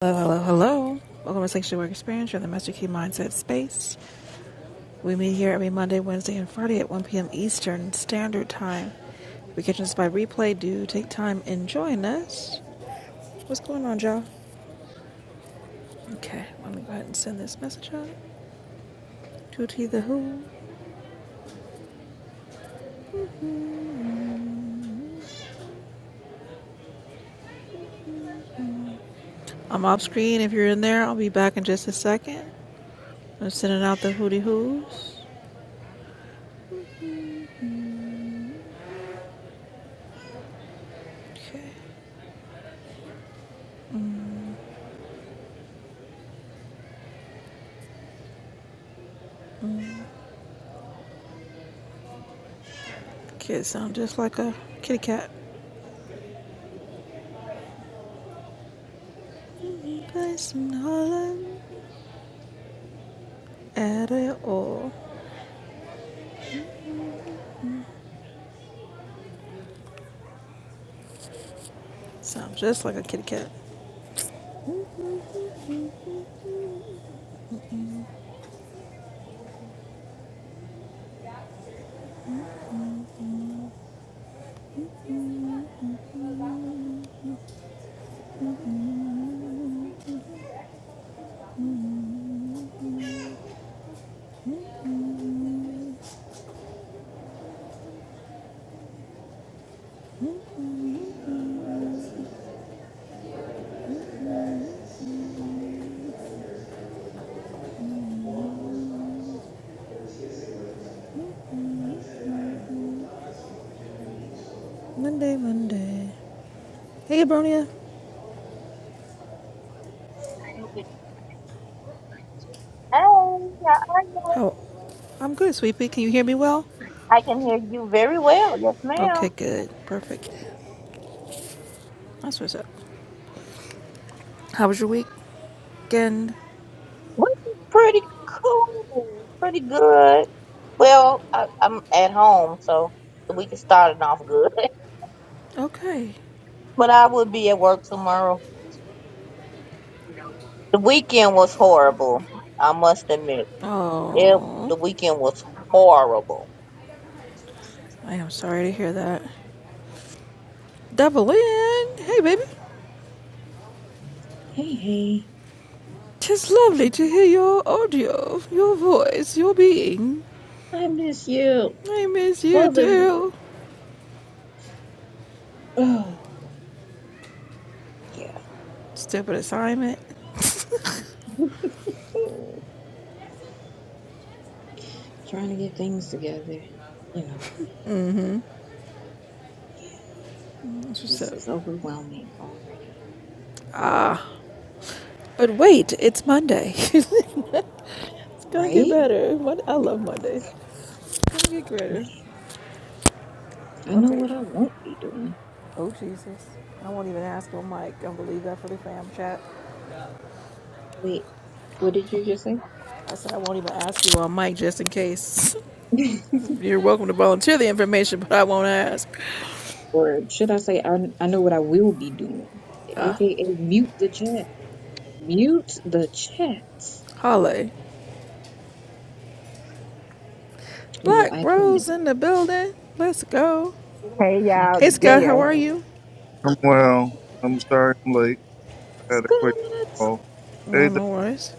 Hello, hello, hello. Welcome to Sanctuary Work Experience, you're in the Master Key Mindset Space. We meet here every Monday, Wednesday, and Friday at 1 p.m. Eastern Standard Time. If you're catching us by replay, do take time and join us. What's going on, y'all? Okay, let me go ahead and send this message out. Tutti the Who. I'm off screen. If you're in there, I'll be back in just a second. I'm sending out the Hootie Who's. Okay. Kids sound just like a kitty cat. Place and holler at it all. Sounds just like a kitty cat. Monday, Monday. Hey, Abronia. I don't know. Hey, how are How? I'm good, sweet Can you hear me well? I can hear you very well. Yes, Okay, ma'am. good. Perfect. That's what's up. How was your weekend? Which is pretty cool. Pretty good. Well, I, I'm at home, so the week is starting off good. Okay. But I will be at work tomorrow. The weekend was horrible. I must admit, it Oh, the weekend was horrible. I am sorry to hear that. Devlin, hey, baby. Hey, hey, Tis lovely to hear your audio, your voice, your being. I miss you, I miss you both of you. too. Oh, yeah. Stupid assignment. Mm, Trying to get things together, you know. Yeah, That's what's this up. is overwhelming already, But wait, it's Monday. it's gonna get right? better. I love Mondays. It's gonna get greater. Like, I know Okay. what I won't be doing. Oh, Jesus. I won't even ask you on mic. Don't believe that for the fam chat. Wait, what did you just say? I said I won't even ask you on mic just in case. You're welcome to volunteer the information, but I won't ask. or should I say, I, I know what I will be doing, aka mute the chat. Mute the chat. Holly. Yeah, Black I can't. Rose in the building. Let's go. Hey I y'all, Hey, can't Scott. deal with How Dev. all are that. you? I'm well. I'm sorry I'm late. I had a Scott, quick call. Hey, No, Doc. no worries.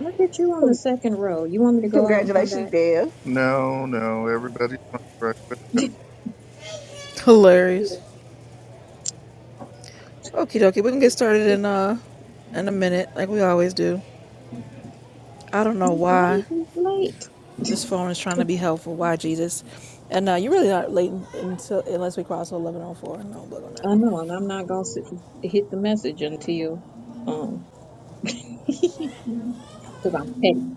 look at you on the Con- second row. You want me to go out and come Congratulations, back? Dev. no, no, everybody's not right with her. It's Hilarious. Okie dokie. We can get started in, uh, in a minute, like we always do. I don't know why late. It's late. this phone is trying to be helpful. Why, Jesus? And uh, you're really not late until unless we cross 1104. No, look on that. I know, and I'm not gonna s hit the message until um because I'm petty.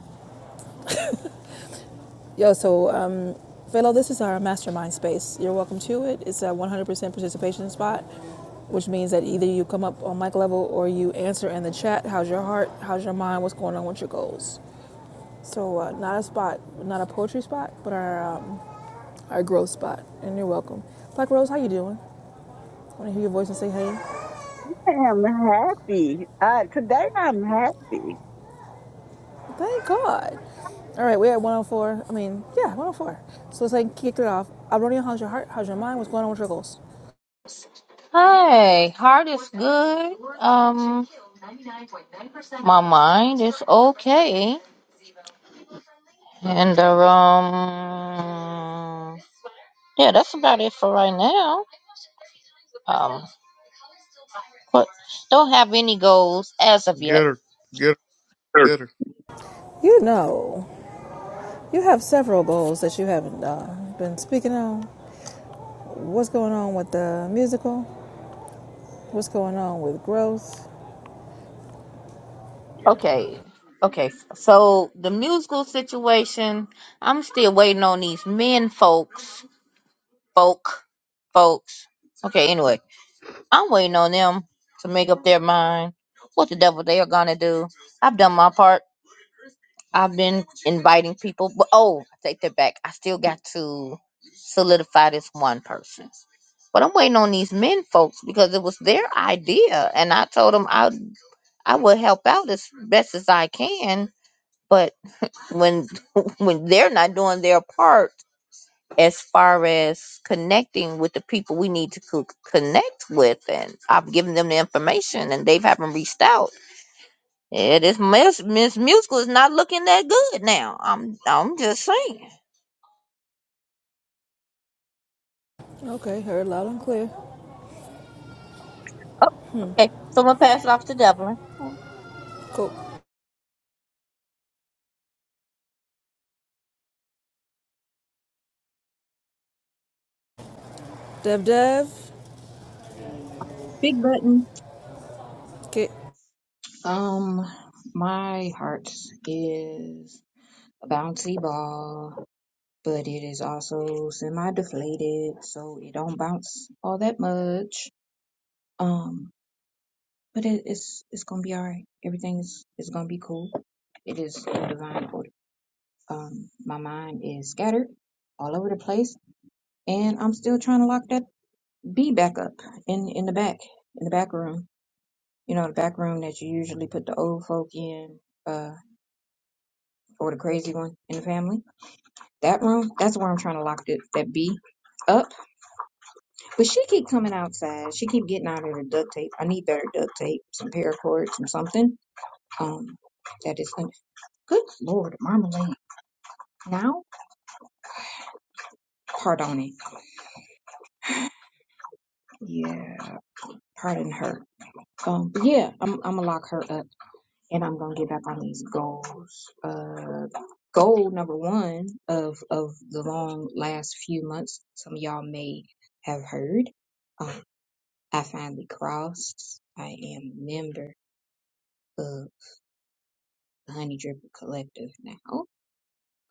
Yo, so um, Philo, this is our mastermind space. You're welcome to it. It's a 100% participation spot, which means that either you come up on mic level or you answer in the chat. How's your heart? How's your mind? What's going on with your goals? So, uh, not a spot, not a poetry spot, but our um, our growth spot. And you're welcome. Black Rose, how you doing? Want to hear your voice and say hey? I am happy. Uh, today I'm happy. Thank God. All right, we're at 104. I mean, yeah, 104. So let's like kick it off. Abronia, how's your heart? How's your mind? What's going on with your goals? Hey, heart is good. Um, my mind is okay. And the um, yeah, that's about it for right now. Um, but don't have any goals as of yet. Get her, get her, get her. You know. You have several goals that you haven't uh, been speaking on. What's going on with the musical? What's going on with growth? Okay, okay. So the musical situation, I'm still waiting on these men, folks, folk, folks. Okay, anyway, I'm waiting on them to make up their mind what the devil they are gonna do. I've done my part. I've been inviting people, but oh, I take that back. I still got to solidify this one person. But I'm waiting on these men folks because it was their idea, and I told them I I would help out as best as I can. But when when they're not doing their part as far as connecting with the people we need to co- connect with, and I've given them the information, and they haven't reached out yeah, this Miss Miss Musical is not looking that good now. I'm I'm just saying. Okay, heard loud and clear. Oh, okay. So I'm gonna pass it off to Devlin. Cool. Dev Dev. Big button. Okay. Um, my heart is a bouncy ball, but it is also semi-deflated, so it don't bounce all that much. Um, but it, it's it's gonna be all right. Everything is is gonna be cool. It is in divine order. Um, my mind is scattered all over the place and I'm still trying to lock that bee back up in in the back in the back room. You know, the back room that you usually put the old folk in, uh, or the crazy one in the family. That room, that's where I'm trying to lock that that bee up. But she keep coming outside. She keep getting out of the duct tape. I need better duct tape, some paracord, some something. Um, that is un- good lord, marmalade. Now, pardon it. Yeah, pardon her. Um, but yeah, I'm I'm gonna lock her up and I'm gonna get back on these goals. Uh, goal number one of of the long last few months, some of y'all may have heard. Um, I finally crossed. I am a member of the Honey Dripper Collective now.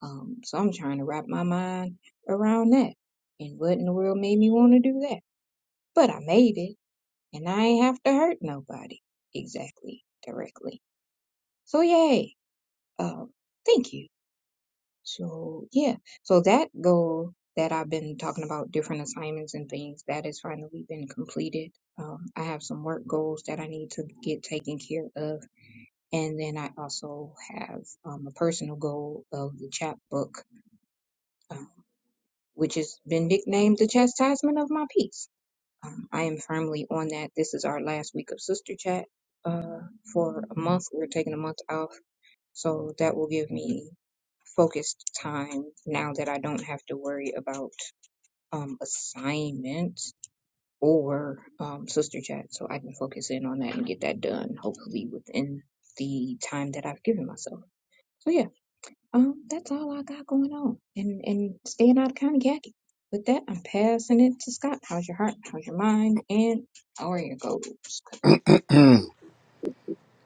Um, so I'm trying to wrap my mind around that. And what in the world made me want to do that? But I made it, and I ain't have to hurt nobody exactly directly. So yay! Um, thank you So yeah, so that goal that I've been talking about, different assignments and things, that has finally been completed. Um, I have some work goals that I need to get taken care of, and then I also have um, a personal goal of the chapbook, um, which has been nicknamed the chastisement of my peace. Um, I am firmly on that. This is our last week of sister chat. Uh, for a month, we're taking a month off, so that will give me focused time now that I don't have to worry about um, assignments or um, sister chat. So I can focus in on that and get that done, hopefully within the time that I've given myself. So yeah, um, that's all I got going on, and and staying out of county khaki. With that, I'm passing it to Scott. How's your heart? How's your mind? And how are your goals?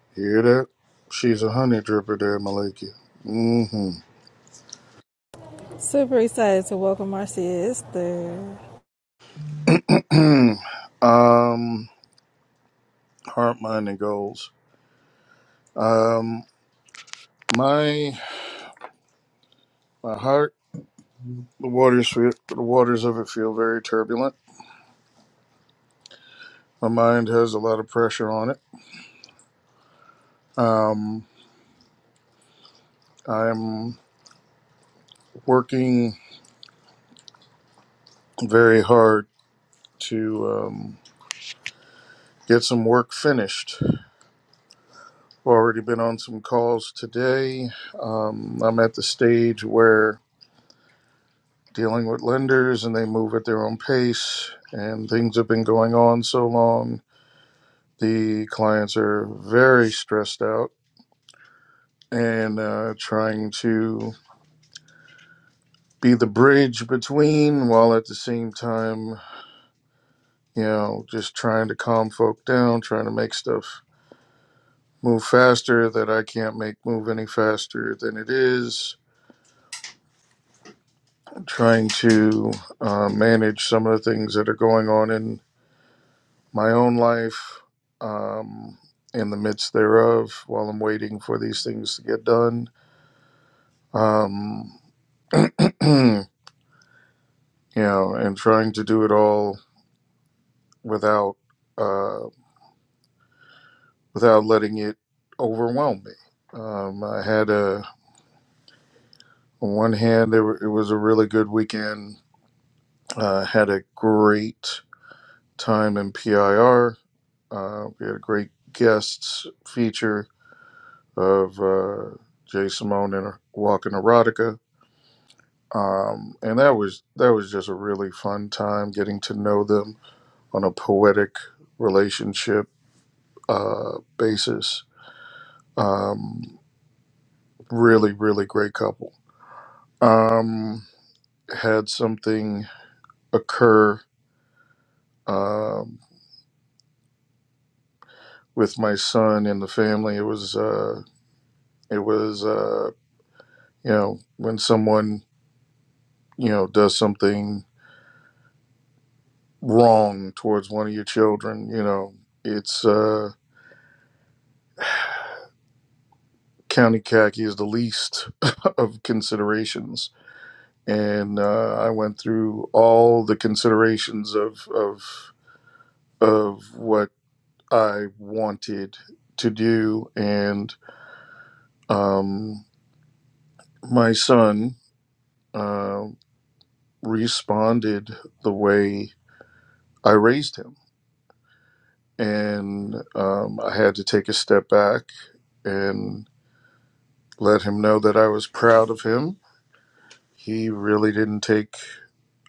Hear that? She's a honey dripper there, Malika. Mm-hmm. Super excited to welcome our sis there. um, heart, mind, and goals. Um, my my heart, the waters feel, the waters of it feel very turbulent. My mind has a lot of pressure on it. Um, I'm working very hard to. Um, get some work finished. Already been on some calls today. Um, I'm at the stage where dealing with lenders and they move at their own pace, and things have been going on so long. The clients are very stressed out and uh, trying to be the bridge between while at the same time, you know, just trying to calm folk down, trying to make stuff move faster that I can't make move any faster than it is trying to uh, manage some of the things that are going on in my own life um, in the midst thereof while I'm waiting for these things to get done. Um, you know, and trying to do it all without uh, without letting it overwhelm me. Um, I had a on one hand, there were, it was a really good weekend. Uh, had a great time in PIR. Uh, we had a great guests feature of uh, Jay Simone and Er-, Walking Erotica. Um, and that was that was just a really fun time getting to know them on a poetic relationship uh, basis. Um, really, really great couple. Um, had something occur um, with my son and the family. It was uh, it was uh, you know when someone you know does something wrong towards one of your children, you know, it's uh, county khaki is the least of considerations. And uh, I went through all the considerations of of of what I wanted to do, and um, my son uh, responded the way I raised him, and um, I had to take a step back and let him know that I was proud of him He really didn't take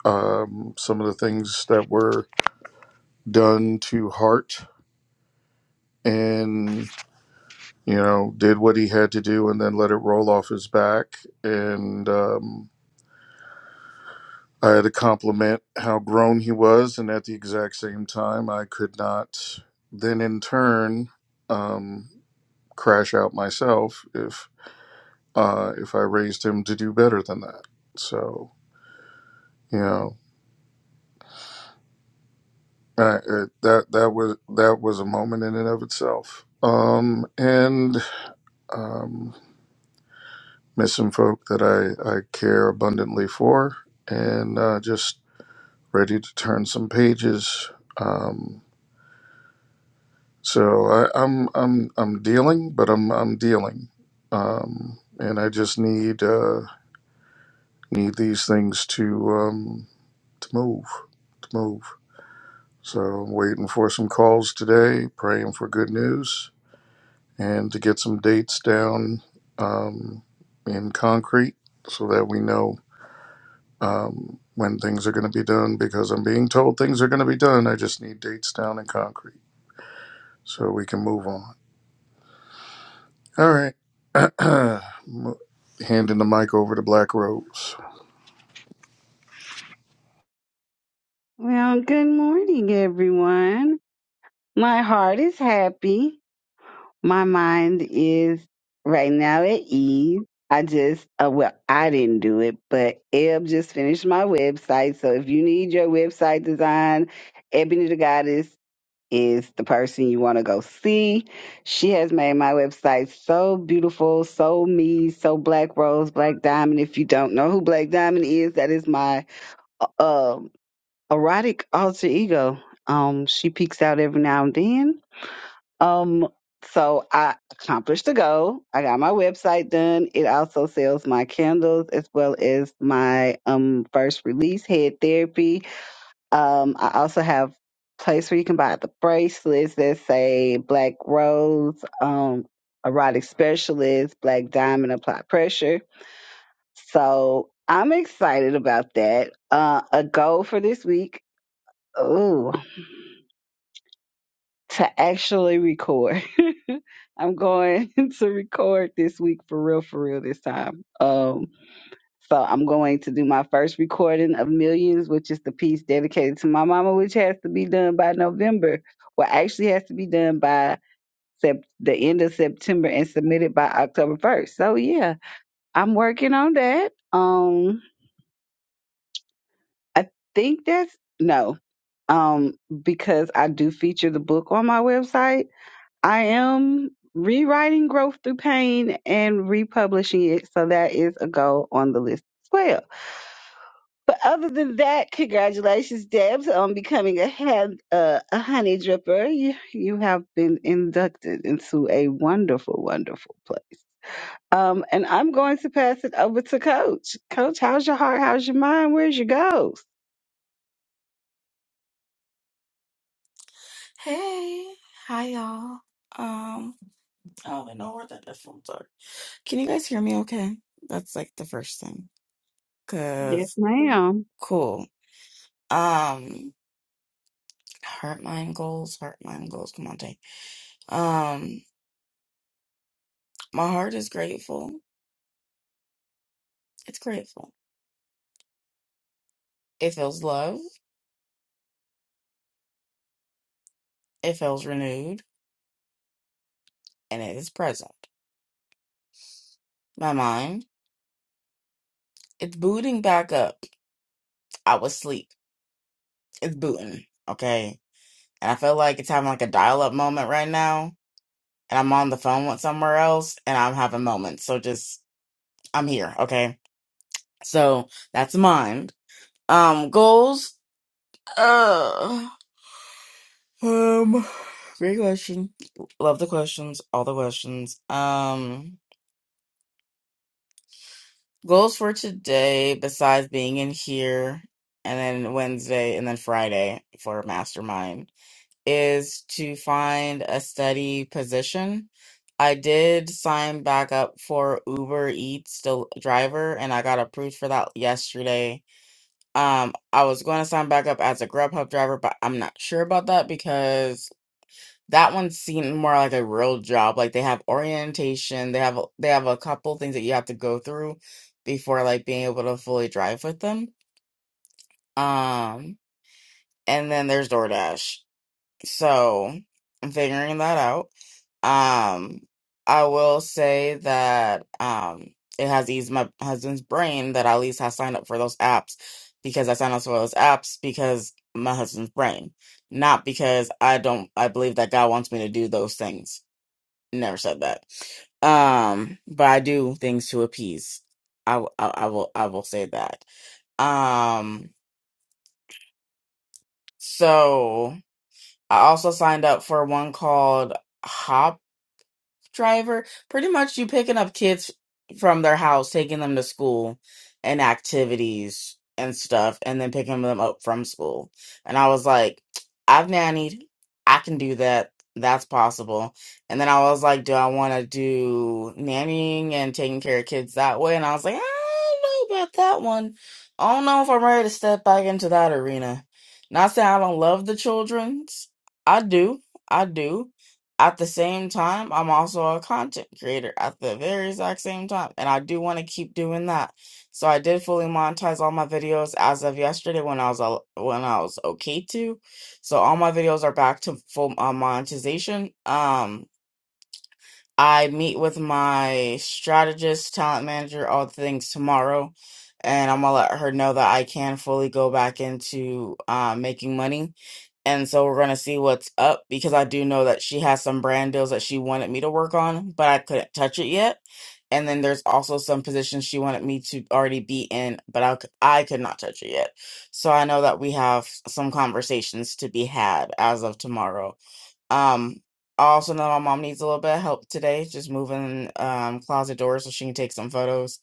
um, some of the things that were done to heart and, you know, did what he had to do and then let it roll off his back. And um, I had to compliment how grown he was. And at the exact same time, I could not then in turn um, crash out myself if, uh, if I raised him to do better than that. So. you know. Uh, uh, that that was that was a moment in and of itself. Um, and um, missing folk that I I care abundantly for, and uh, just ready to turn some pages. Um, so I, I'm I'm I'm dealing, but I'm I'm dealing, um, and I just need uh, need these things to um, to move to move. So I'm waiting for some calls today, praying for good news and to get some dates down um, in concrete so that we know um, when things are going to be done because I'm being told things are going to be done. I just need dates down in concrete so we can move on. All right. Mo- Handing the mic over to Black Rose. Well, good morning, everyone. My heart is happy. My mind is right now at ease. I just, uh, well, I didn't do it, but Eb just finished my website. So if you need your website design, is the person you want to go see. She has made my website so beautiful, so me, so Black Rose, Black Diamond. If you don't know who Black Diamond is, that is my uh, erotic alter ego. Um, she peeks out every now and then. Um, so I accomplished the goal. I got my website done. It also sells my candles as well as my um first release, Head Therapy um, I also have place where you can buy the bracelets that say Black Rose, um, erotic specialist, Black Diamond, apply pressure. So I'm excited about that. Uh, a goal for this week. Ooh, to actually record. I'm going to record this week for real, for real this time. Um, So I'm going to do my first recording of Millions, which is the piece dedicated to my mama, which has to be done by November. Well, actually has to be done by sep- the end of September and submitted by October 1st. So yeah, I'm working on that. Um, I think that's no, um, because I do feature the book on my website. I am rewriting Growth Through Pain and republishing it. So that is a goal on the list as well. But other than that, congratulations, Debs, on becoming a hand, uh, a honey dripper. You you have been inducted into a wonderful, wonderful place. Um, and I'm going to pass it over to Coach. Coach, how's your heart? How's your mind? Where's your goals? Hey, hi y'all. Um, I don't even know where that headphones are. Can you guys hear me okay? That's like the first thing. Yes, Cause ma'am. cool. Um, heart mind goals, heart mind goals. Come on, Tay. Um, my heart is grateful. It's grateful. It feels love. It feels renewed, and it is present. My mind, it's booting back up. I was asleep. It's booting. Okay, and I feel like it's having like a dial-up moment right now and I'm on the phone with somewhere else and I'm having moments. So just I'm here, okay? So that's mind. Um goals. Uh um great question. Love the questions, all the questions. Um goals for today besides being in here and then Wednesday and then Friday for mastermind is to find a steady position. I did sign back up for Uber Eats del- driver and I got approved for that yesterday. Um I was going to sign back up as a Grubhub driver, but I'm not sure about that because that one seemed more like a real job. Like they have orientation, they have a- they have a couple things that you have to go through before like being able to fully drive with them. Um and then there's DoorDash. So I'm figuring that out. Um, I will say that um, it has eased my husband's brain that at least I signed up for those apps because I signed up for those apps because my husband's brain, not because I don't. I believe that God wants me to do those things. Never said that. Um, but I do things to appease. I, w- I, I will I will say that. Um, so I also signed up for one called Hop driver. Pretty much you picking up kids from their house, taking them to school and activities and stuff, and then picking them up from school. And I was like, I've nannied. I can do that. That's possible. And then I was like, do I want to do nannying and taking care of kids that way? And I was like, I don't know about that one. I don't know if I'm ready to step back into that arena. Not saying I don't love the children's. I do. I do at the same time, I'm also a content creator at the very exact same time, and I do want to keep doing that. So I did fully monetize all my videos as of yesterday when I was al- when I was okay to. So all my videos are back to full uh, monetization. Um I meet with my strategist, talent manager, all things tomorrow, and I'm gonna let her know that I can fully go back into uh, making money. And so we're gonna see what's up because I do know that she has some brand deals that she wanted me to work on, but I couldn't touch it yet. And then there's also some positions she wanted me to already be in, but I, c- I could not touch it yet. So I know that we have some conversations to be had as of tomorrow um, I also know my mom needs a little bit of help today, just moving um closet doors so she can take some photos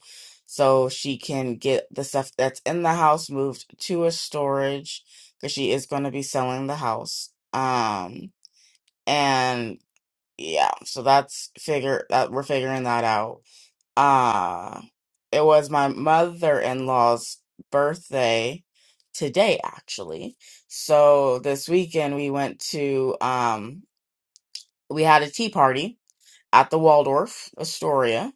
so she can get the stuff that's in the house moved to a storage because she is going to be selling the house. Um, and yeah, so that's figure that we're figuring that out. Uh, it was my mother-in-law's birthday today, actually. So this weekend we went to um we had a tea party at the Waldorf Astoria.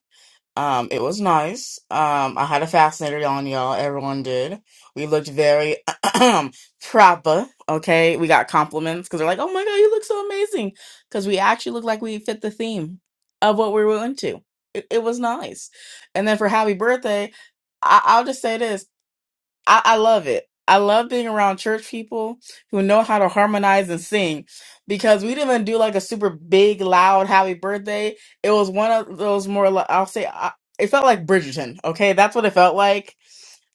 Um, it was nice. Um, I had a fascinator on, y'all. Everyone did. We looked very proper. Okay, we got compliments because they're like, "Oh my god, you look so amazing!" Because we actually looked like we fit the theme of what we were into. It, it was nice. And then for happy birthday, I, I'll just say this. I, I love it. I love being around church people who know how to harmonize and sing because we didn't even do like a super big, loud happy birthday. It was one of those more, li- I'll say, I, it felt like Bridgerton. Okay. That's what it felt like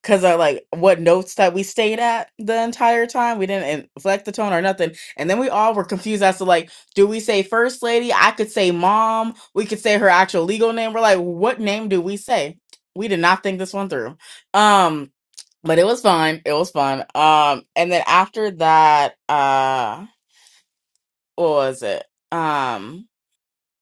because of like what notes that we stayed at the entire time. We didn't inflect the tone or nothing. And then we all were confused as to like, do we say first lady? I could say mom. We could say her actual legal name. We're like, what name do we say? We did not think this one through. Um, but it was fun. It was fun. Um, and then after that, uh, what was it? Um,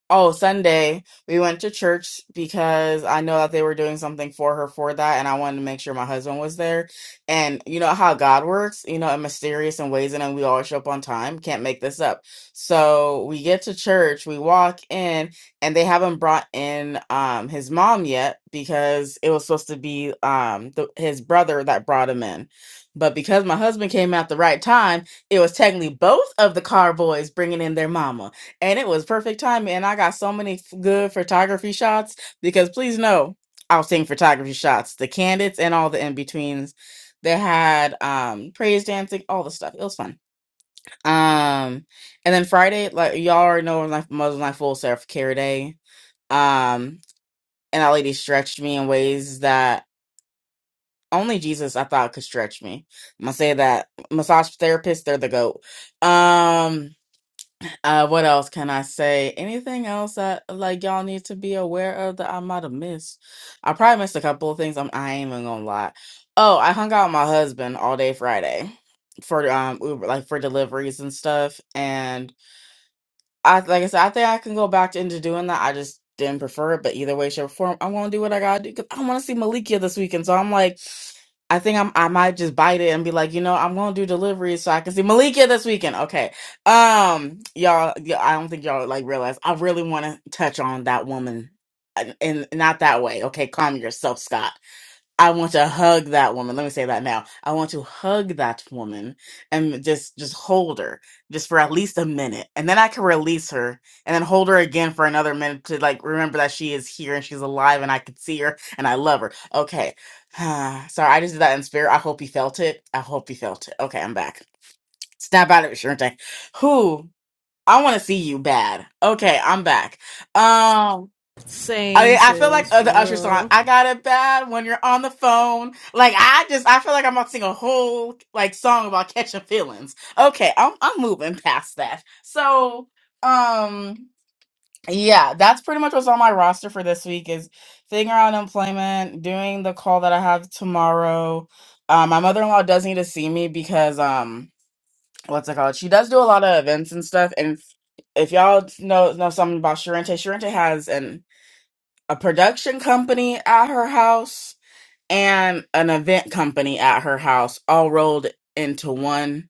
Oh, Sunday, we went to church because I know that they were doing something for her for that, and I wanted to make sure my husband was there. And you know how God works, you know, in mysterious and ways, and then we always show up on time. Can't make this up. So we get to church, we walk in, and they haven't brought in um his mom yet because it was supposed to be um the, his brother that brought him in. But because my husband came at the right time, it was technically both of the car boys bringing in their mama and it was perfect timing. And I got so many f- good photography shots because please know I was taking photography shots, the candidates and all the in betweens. They had um praise dancing, all the stuff. It was fun. Um, and then Friday, like y'all already know, was my mother was my full self care day. Um, and that lady stretched me in ways that only Jesus I thought could stretch me. I'm gonna say that massage therapists, they're the goat. Um Uh, what else can I say? Anything else that like y'all need to be aware of that I might have missed? I probably missed a couple of things. I'm I ain't even gonna lie. Oh, I hung out with my husband all day Friday for um Uber, like for deliveries and stuff. I like I said, I think I can go back into doing that. I just didn't prefer it, but either way, shape, or form, I going to do what I gotta do because I want to see Malikia this weekend. So I'm like, I think I'm I might just bite it and be like, you know, I'm gonna do deliveries so I can see Malikia this weekend. Okay, um, y'all, y- I don't think y'all like realize I really want to touch on that woman, and, and not that way. Okay, calm yourself, Scott. I want to hug that woman. Let me say that now. I want to hug that woman and just just hold her just for at least a minute. And then I can release her and then hold her again for another minute to like remember that she is here and she's alive and I can see her and I love her. Okay. Sorry, I just did that in spirit. I hope you felt it. I hope you felt it. Okay, I'm back. Snap out of it, Sharente. Who? I want to see you bad. Okay, I'm back. Um, I Same mean, I feel like sis, uh, for the Usher song, real. I got it bad when you're on the phone. Like, I just, I feel like I'm about to sing a whole, like, song about catching feelings. Okay, I'm, I'm moving past that. So, um, yeah, that's pretty much what's on my roster for this week is figuring out employment, doing the call that I have tomorrow. Um, my mother-in-law does need to see me because, um, what's it called? She does do a lot of events and stuff. And if y'all know, know something about Sharente, Sharente has an a production company at her house and an event company at her house all rolled into one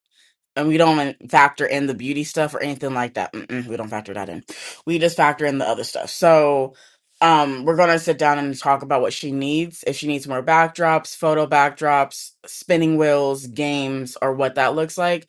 and we don't even factor in the beauty stuff or anything like that Mm-mm, we don't factor that in we just factor in the other stuff so um we're gonna sit down and talk about what she needs if she needs more backdrops photo backdrops spinning wheels games or what that looks like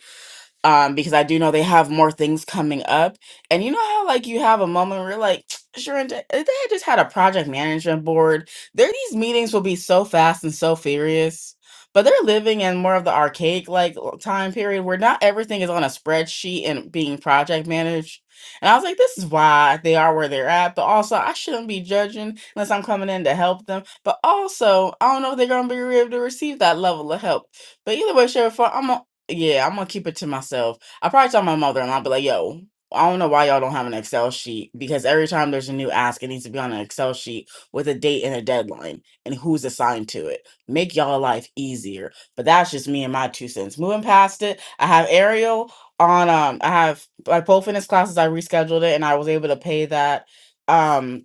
um, because I do know they have more things coming up. And you know how like you have a moment where you're like, sure, and if they had just had a project management board, there these meetings will be so fast and so furious. But they're living in more of the archaic like l- time period where not everything is on a spreadsheet and being project managed. And I was like, this is why they are where they're at. But also, I shouldn't be judging unless I'm coming in to help them. But also, I don't know if they're going to be able to receive that level of help. But either way, sure, yeah, I'm gonna keep it to myself. I probably tell my mother and I'll be like, yo, I don't know why y'all don't have an Excel sheet because every time there's a new ask, it needs to be on an Excel sheet with a date and a deadline and who's assigned to it. Make y'all life easier. But that's just me and my two cents. Moving past it, I have Ariel on um I have my pole fitness classes, I rescheduled it and I was able to pay that. Um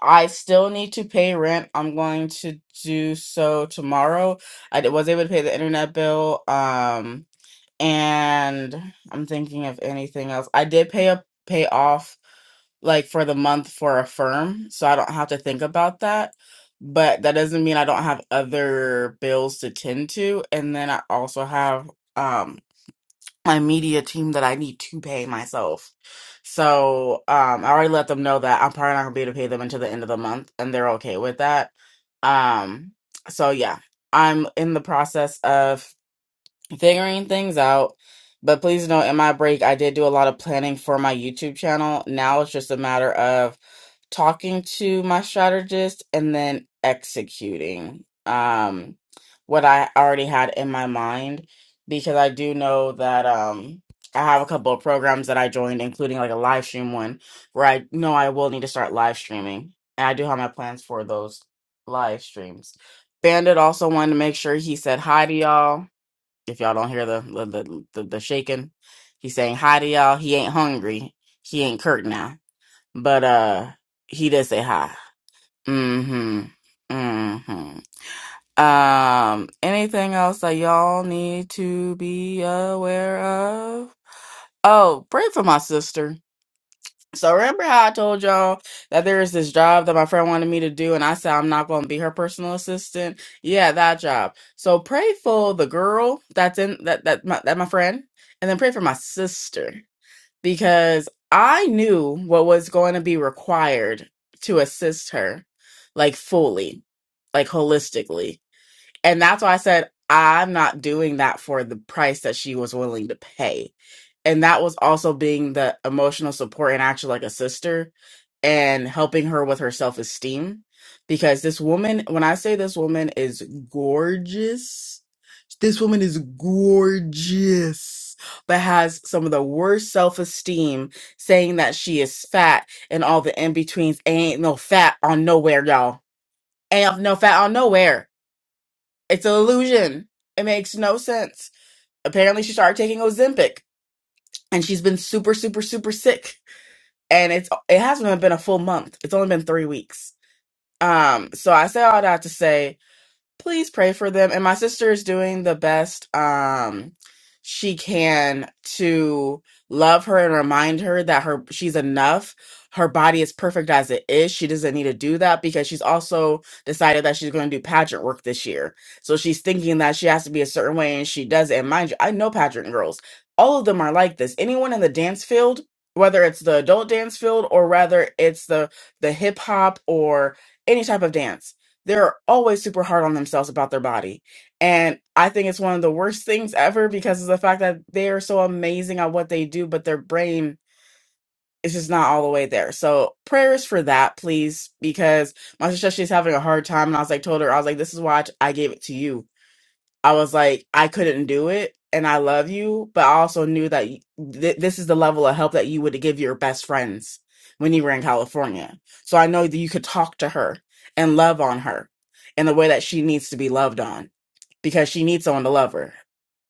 I still need to pay rent. I'm going to do so tomorrow. I d- was able to pay the internet bill. Um and I'm thinking of anything else. I did pay up pay off like for the month for a firm, so I don't have to think about that. But that doesn't mean I don't have other bills to tend to. And then I also have um my media team that I need to pay myself. So um I already let them know that I'm probably not gonna be able to pay them until the end of the month and they're okay with that. Um so yeah. I'm in the process of figuring things out. But please know, in my break, I did do a lot of planning for my YouTube channel. Now it's just a matter of talking to my strategist and then executing um, what I already had in my mind because I do know that um, I have a couple of programs that I joined, including like a live stream one where I know I will need to start live streaming. And I do have my plans for those live streams. Bandit also wanted to make sure he said hi to y'all if y'all don't hear the the the, the, the shaking, he's saying hi to y'all. He ain't hungry. He ain't Kurt now, but uh, he did say hi. Mm-hmm. Mm-hmm. Um, anything else that y'all need to be aware of? Oh, pray for my sister. So remember how I told y'all that there is this job that my friend wanted me to do, and I said I'm not going to be her personal assistant. Yeah, that job. So pray for the girl that's in that that my, that my friend, and then pray for my sister because I knew what was going to be required to assist her, like fully, like holistically. And that's why I said, I'm not doing that for the price that she was willing to pay. And that was also being the emotional support and actually like a sister and helping her with her self esteem. Because this woman, when I say this woman is gorgeous, this woman is gorgeous, but has some of the worst self esteem saying that she is fat and all the in betweens. Ain't no fat on nowhere, y'all. Ain't no fat on nowhere it's an illusion. It makes no sense. Apparently, she started taking Ozempic, and she's been super, super, super sick. And it's it hasn't even been a full month. It's only been three weeks. Um, so I say all that to say please pray for them. And my sister is doing the best um she can to love her and remind her that her she's enough. Her body is perfect as it is. She doesn't need to do that because she's also decided that she's going to do pageant work this year. So she's thinking that she has to be a certain way and she does it. And mind you, I know pageant girls. All of them are like this. Anyone in the dance field, whether it's the adult dance field or rather it's the the hip hop or any type of dance they're always super hard on themselves about their body. And I think it's one of the worst things ever because of the fact that they are so amazing at what they do, but their brain is just not all the way there. So prayers for that, please, because my sister she's having a hard time. And I was like, told her, I was like, this is why I gave it to you I was like, I couldn't do it. And I love you, but I also knew that y- th- this is the level of help that you would give your best friends when you were in California. So I know that you could talk to her and love on her in the way that she needs to be loved on because she needs someone to love her.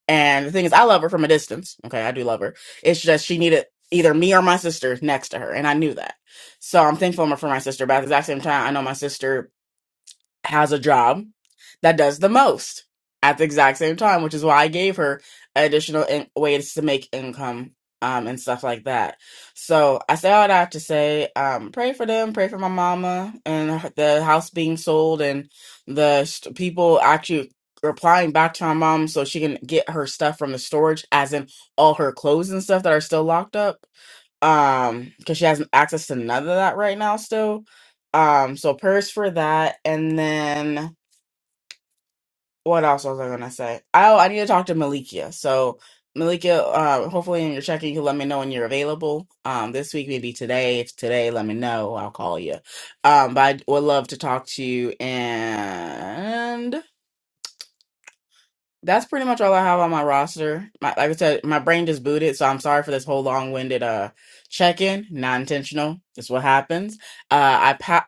And the thing is, I love her from a distance. Okay, I do love her. It's just she needed either me or my sister next to her. And I knew that. So I'm thankful for my sister, but at the exact same time, I know my sister has a job that does the most at the exact same time, which is why I gave her additional in- ways to make income um, and stuff like that. So I say all that to say, um, pray for them, pray for my mama and her- the house being sold and the st- people actually replying back to my mom so she can get her stuff from the storage, as in all her clothes and stuff that are still locked up um because she has access to none of that right now still um so prayers for that and then what else was i gonna say oh i need to talk to malikia so malikia uh hopefully in your checking you can let me know when you're available um this week maybe today if today let me know i'll call you um but i would love to talk to you and That's pretty much all I have on my roster. My, like I said, my brain just booted, so I'm sorry for this whole long-winded uh check-in. Not intentional. That's what happens. Uh, I pop.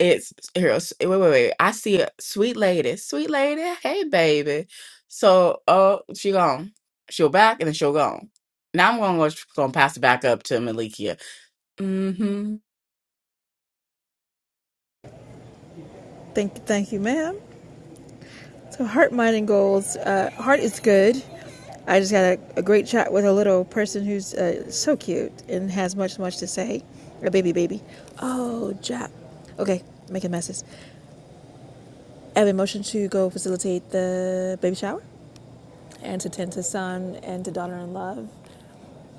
It's here. s- Wait, wait, wait. I see a sweet lady. Sweet lady. Hey, baby. So, uh, she gone. She'll back, and then she'll gone. Now I'm gonna go, gonna pass it back up to Malikia. Mm-hmm. Thank you, thank you, ma'am. So heart, mind, and goals. Uh, heart is good. I just had a, a great chat with a little person who's uh, so cute and has much, much to say. A baby, baby. Oh, Jap. Okay, making messes. I have a motion to go facilitate the baby shower and to tend to son and to daughter in love.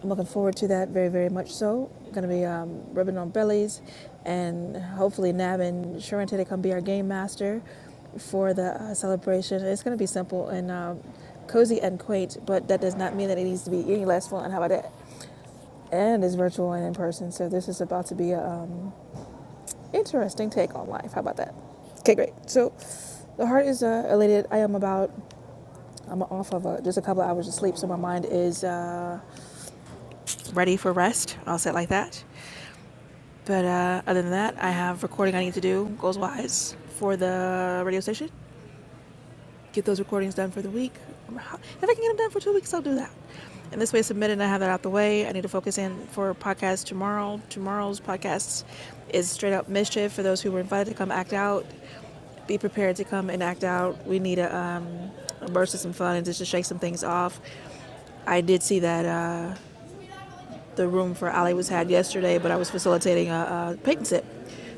I'm looking forward to that very, very much so. Going to be um, rubbing on bellies and hopefully nabbing Sharente to come be our game master for the uh, celebration. It's going to be simple and um, cozy and quaint, but that does not mean that it needs to be any less fun. How about that? And it's virtual and in person, so this is about to be an um, interesting take on life. How about that? Okay, great. So the heart is uh, elated. I am about I'm off of a, just a couple of hours of sleep, so my mind is uh, ready for rest. I'll say it like that. But uh, other than that, I have recording I need to do goals wise for the radio station. Get those recordings done for the week. If I can get them done for two weeks, I'll do that. And this way, it's submitted and I have that out the way. I need to focus in for podcast tomorrow. Tomorrow's podcast is straight up mischief for those who were invited to come act out. Be prepared to come and act out. We need a, um, a burst of some fun and just to shake some things off. I did see that. Uh, The room for Ali was had yesterday, but I was facilitating a, a paint sip,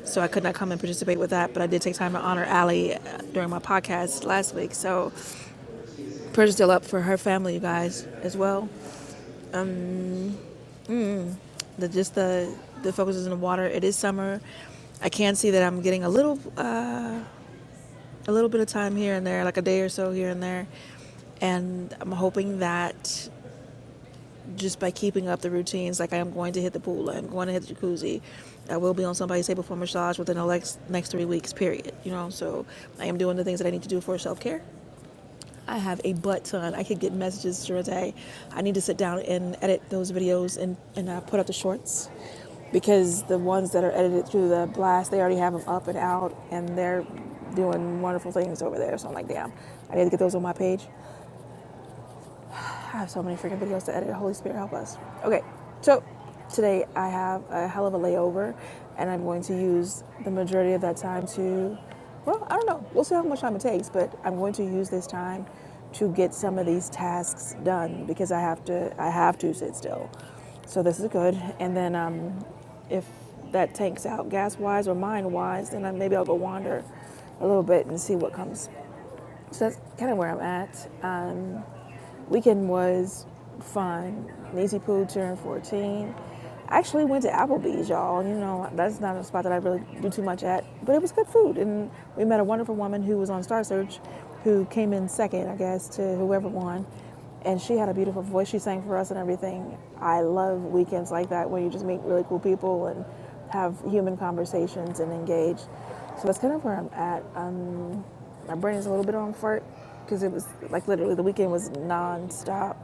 so I could not come and participate with that. But I did take time to honor Ali uh, during my podcast last week. So prayers still up for her family, you guys, as well. The just the the focus is in the water. It is summer. I can see that I'm getting a little uh, a little bit of time here and there, like a day or so here and there, and I'm hoping that just by keeping up the routines. Like I am going to hit the pool, I am going to hit the jacuzzi. I will be on somebody's table for massage within the next next three weeks. Period. You know, so I am doing the things that I need to do for self care. I have a butt ton. I could get messages through a day. I need to sit down and edit those videos and and uh, put up the shorts because the ones that are edited through the blast, they already have them up and out, and they're doing wonderful things over there. So I'm like, damn, I need to get those on my page. I have so many freaking videos to edit. Holy Spirit, help us. Okay, so today I have a hell of a layover, and I'm going to use the majority of that time to, well, I don't know. We'll see how much time it takes, but I'm going to use this time to get some of these tasks done because I have to. I have to sit still. So this is good. And then um, if that tanks out gas wise or mind wise, then I, maybe I'll go wander a little bit and see what comes. So that's kind of where I'm at. Um, Weekend was fun. Nancy Poo turned 14. I actually went to Applebee's, y'all. You know, that's not a spot that I really do too much at, but it was good food. And we met a wonderful woman who was on Star Search who came in second, I guess, to whoever won. And she had a beautiful voice. She sang for us and everything. I love weekends like that where you just meet really cool people and have human conversations and engage. So that's kind of where I'm at. Um, my brain is a little bit on fart because it was like literally the weekend was nonstop,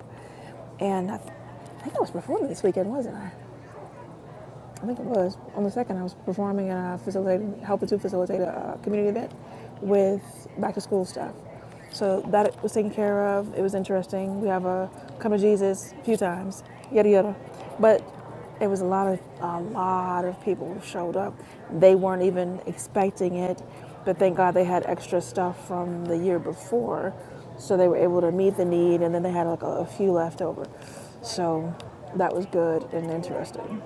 and I, th- I think I was performing this weekend, wasn't I? I think it was on the second. I was performing and I facilitated, helping to facilitate a uh, community event with back to school stuff. So that was taken care of. It was interesting. We have a come to Jesus a few times, yada yada. But it was a lot of a lot of people showed up. They weren't even expecting it, but thank God they had extra stuff from the year before, so they were able to meet the need. And then they had like a, a few left over. So that was good and interesting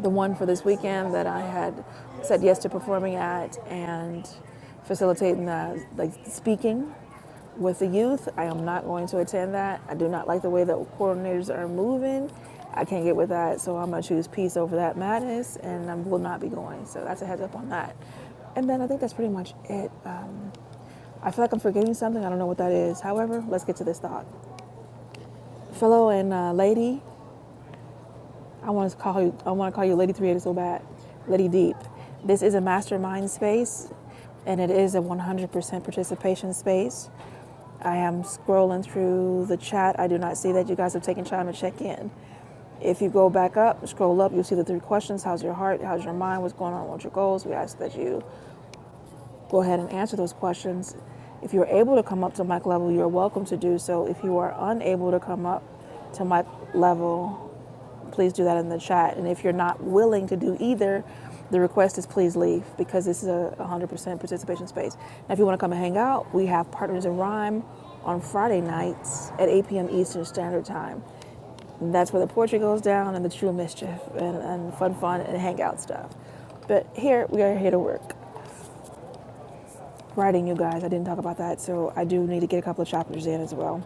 the one for this weekend that I had said yes to performing at and facilitating the like speaking with the youth. I am not going to attend that. I do not like the way that coordinators are moving. I can't get with that, so I'm gonna choose peace over that madness, and I will not be going. So that's a heads up on that. And then I think that's pretty much it. Um, I feel like I'm forgetting something. I don't know what that is. However, let's get to this thought. Fellow and uh, lady, I want to call you. I want to call you Lady Creator so bad, Lady Deep. This is a mastermind space, and it is a 100% participation space. I am scrolling through the chat. I do not see that you guys have taken time to check in. If you go back up, scroll up, you'll see the three questions. How's your heart? How's your mind? What's going on? What's your goals? We ask that you go ahead and answer those questions. If you're able to come up to mic level, you're welcome to do so. If you are unable to come up to mic level, please do that in the chat. And if you're not willing to do either, the request is please leave because this is a 100% participation space. Now, if you want to come and hang out, we have Partners in Rhyme on Friday nights at 8 p.m. Eastern Standard Time. And that's where the poetry goes down and the true mischief and, and fun, fun, and hangout stuff. But here, we are here to work. Writing, you guys, I didn't talk about that, so I do need to get a couple of chapters in as well.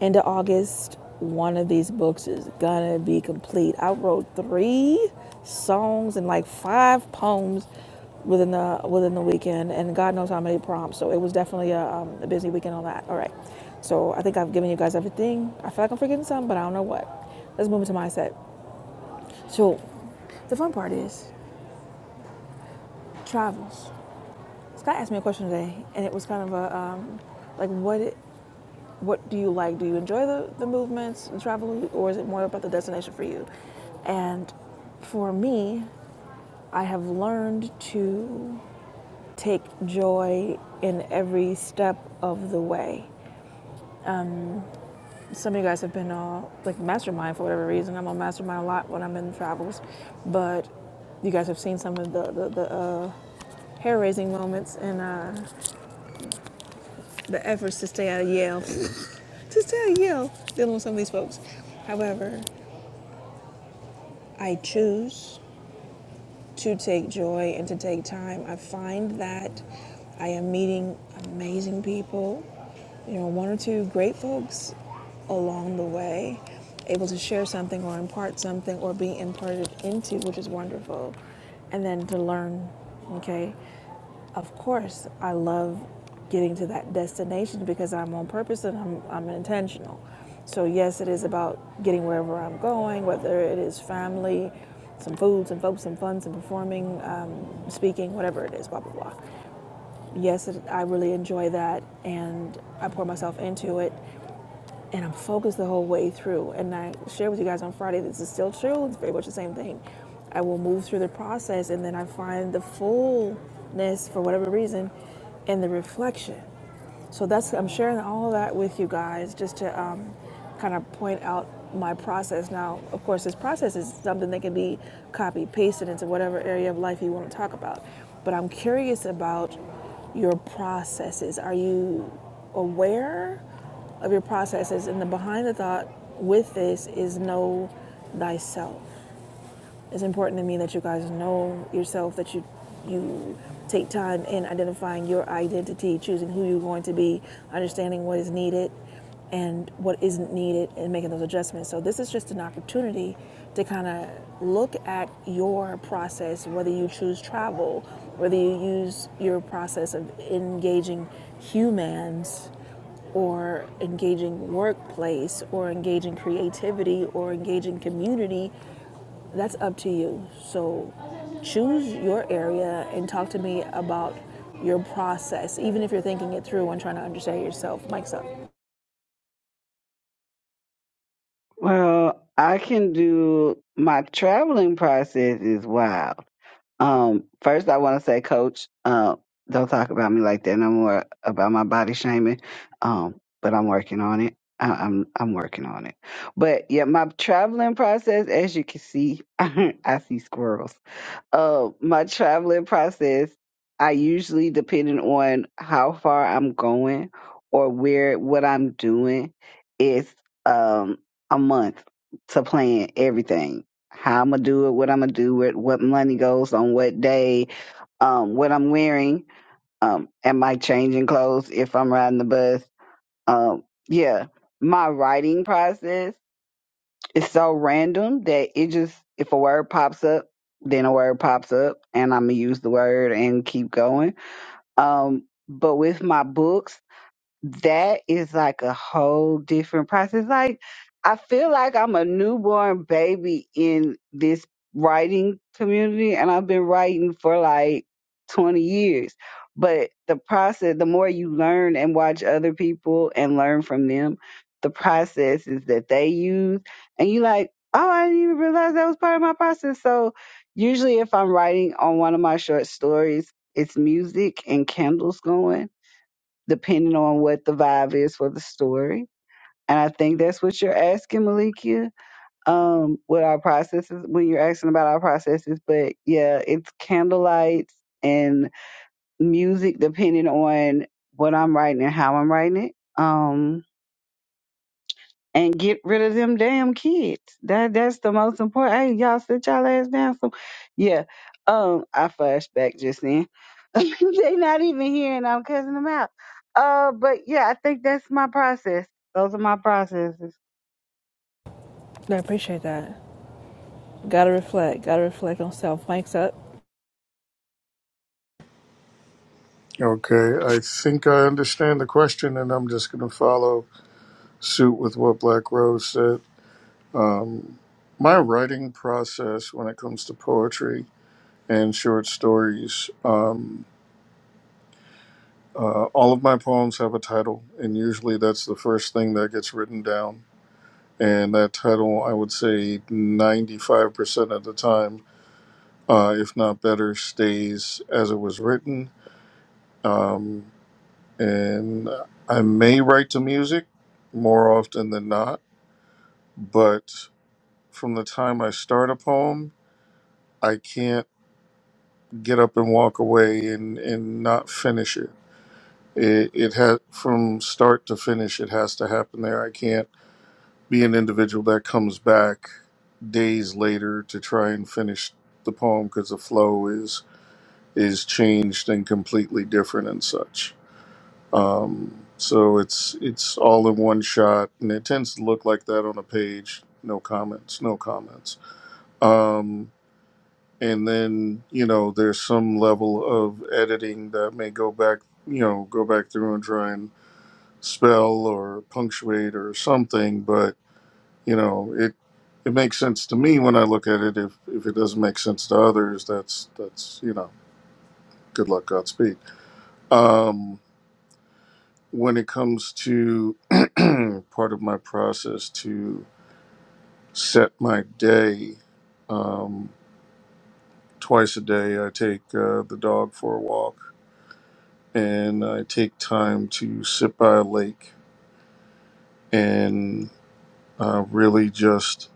End of August, one of these books is gonna be complete. I wrote three songs and like five poems within the within the weekend, and God knows how many prompts. So it was definitely a, um, a busy weekend on that. All right, so I think I've given you guys everything. I feel like I'm forgetting something, but I don't know what. Let's move into mindset. So the fun part is travels. Scott asked me a question today, and it was kind of a um, like what What do you like? Do you enjoy the, the movements, and travel, or is it more about the destination for you? And for me, I have learned to take joy in every step of the way. Some of you guys have been uh, like mastermind for whatever reason. I'm on mastermind a lot when I'm in travels, but you guys have seen some of the, the, the uh, hair raising moments and uh, the efforts to stay out of Yale, to stay out of Yale, dealing with some of these folks. However, I choose to take joy and to take time. I find that I am meeting amazing people, you know, one or two great folks along the way, able to share something or impart something or be imparted into, which is wonderful, and then to learn, okay? Of course, I love getting to that destination because I'm on purpose and I'm, I'm intentional. So, yes, it is about getting wherever I'm going, whether it is family, some food, some folks, some fun, some performing, um, speaking, whatever it is, blah, blah, blah. Yes, it, I really enjoy that and I pour myself into it and I'm focused the whole way through. And I shared with you guys on Friday, this is still true. It's very much the same thing. I will move through the process and then I find the fullness for whatever reason in the reflection. So that's I'm sharing all of that with you guys just to um, kind of point out my process. Now, of course, this process is something that can be copy pasted into whatever area of life you want to talk about. But I'm curious about your processes. Are you aware of your processes? And the behind the thought with this is know thyself. It's important to me that you guys know yourself, that you you take time in identifying your identity, choosing who you're going to be, understanding what is needed and what isn't needed and making those adjustments. So this is just an opportunity to kind of look at your process, whether you choose travel, whether you use your process of engaging humans or engaging workplace or engaging creativity or engaging community that's up to you. So choose your area and talk to me about your process, even if you're thinking it through and trying to understand yourself. Mike's up. Well, I can do my traveling process is wild. Um, first, I want to say, Coach, uh, don't talk about me like that no more about my body shaming. Um, but I'm working on it. I, I'm I'm working on it. But yeah, my traveling process, as you can see, I see squirrels. Uh, my traveling process, I usually depending on how far I'm going or where what I'm doing is um a month to plan everything. How I'm gonna do it, what I'm gonna do it, what money goes on what day, um, what I'm wearing, um, am I changing clothes if I'm riding the bus? Um, yeah. My writing process. It's so random that it just if a word pops up, then a word pops up, and I'm gonna use the word and keep going. Um, but with my books that is like a whole different process. Like I feel like I'm a newborn baby in this writing community and I've been writing for like 20 years. But the process, the more you learn and watch other people and learn from them, the processes that they use and you like, oh, I didn't even realize that was part of my process. So usually if I'm writing on one of my short stories, it's music and candles going depending on what the vibe is for the story. And I think that's what you're asking, Malikia. Um, what our processes when you're asking about our processes, but yeah, it's candlelights and music depending on what I'm writing and how I'm writing it. Um, and get rid of them damn kids. That that's the most important. Hey, y'all sit y'all ass down. Some, yeah. Um, I flashed back just then. they not even here, and I'm cussing them out. Uh, but yeah, I think that's my process. Those are my processes. I appreciate that. Gotta reflect. Gotta reflect on self. Mike's up. Okay, I think I understand the question, and I'm just going to follow suit with what Black Rose said. Um, my writing process when it comes to poetry and short stories. Um, Uh, all of my poems have a title, and usually that's the first thing that gets written down. And that title, I would say 95% of the time, uh, if not better, stays as it was written. Um, and I may write to music more often than not, but from the time I start a poem, I can't get up and walk away and, and not finish it. It, it has from start to finish, it has to happen there. I can't be an individual that comes back days later to try and finish the poem because the flow is is changed and completely different and such. Um, so it's it's all in one shot, and it tends to look like that on a page. No comments, no comments. Um, and then you know there's some level of editing that may go back, you know, go back through and try and spell or punctuate or something, but you know, it it makes sense to me when I look at it. If if it doesn't make sense to others, that's that's you know, good luck, Godspeed. Um, when it comes to part of my process to set my day, um, twice a day I take uh, the dog for a walk, and I take time to sit by a lake and uh, really just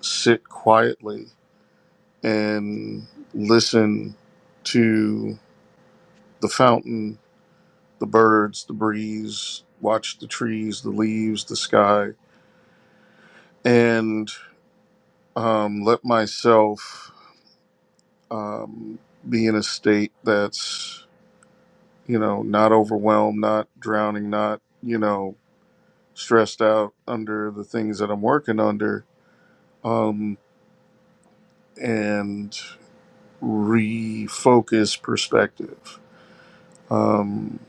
sit quietly and listen to the fountain, the birds, the breeze, watch the trees, the leaves, the sky, and um, let myself um, be in a state that's, you know, not overwhelmed, not drowning, not, you know, stressed out under the things that I'm working under, um, and refocus perspective. Um,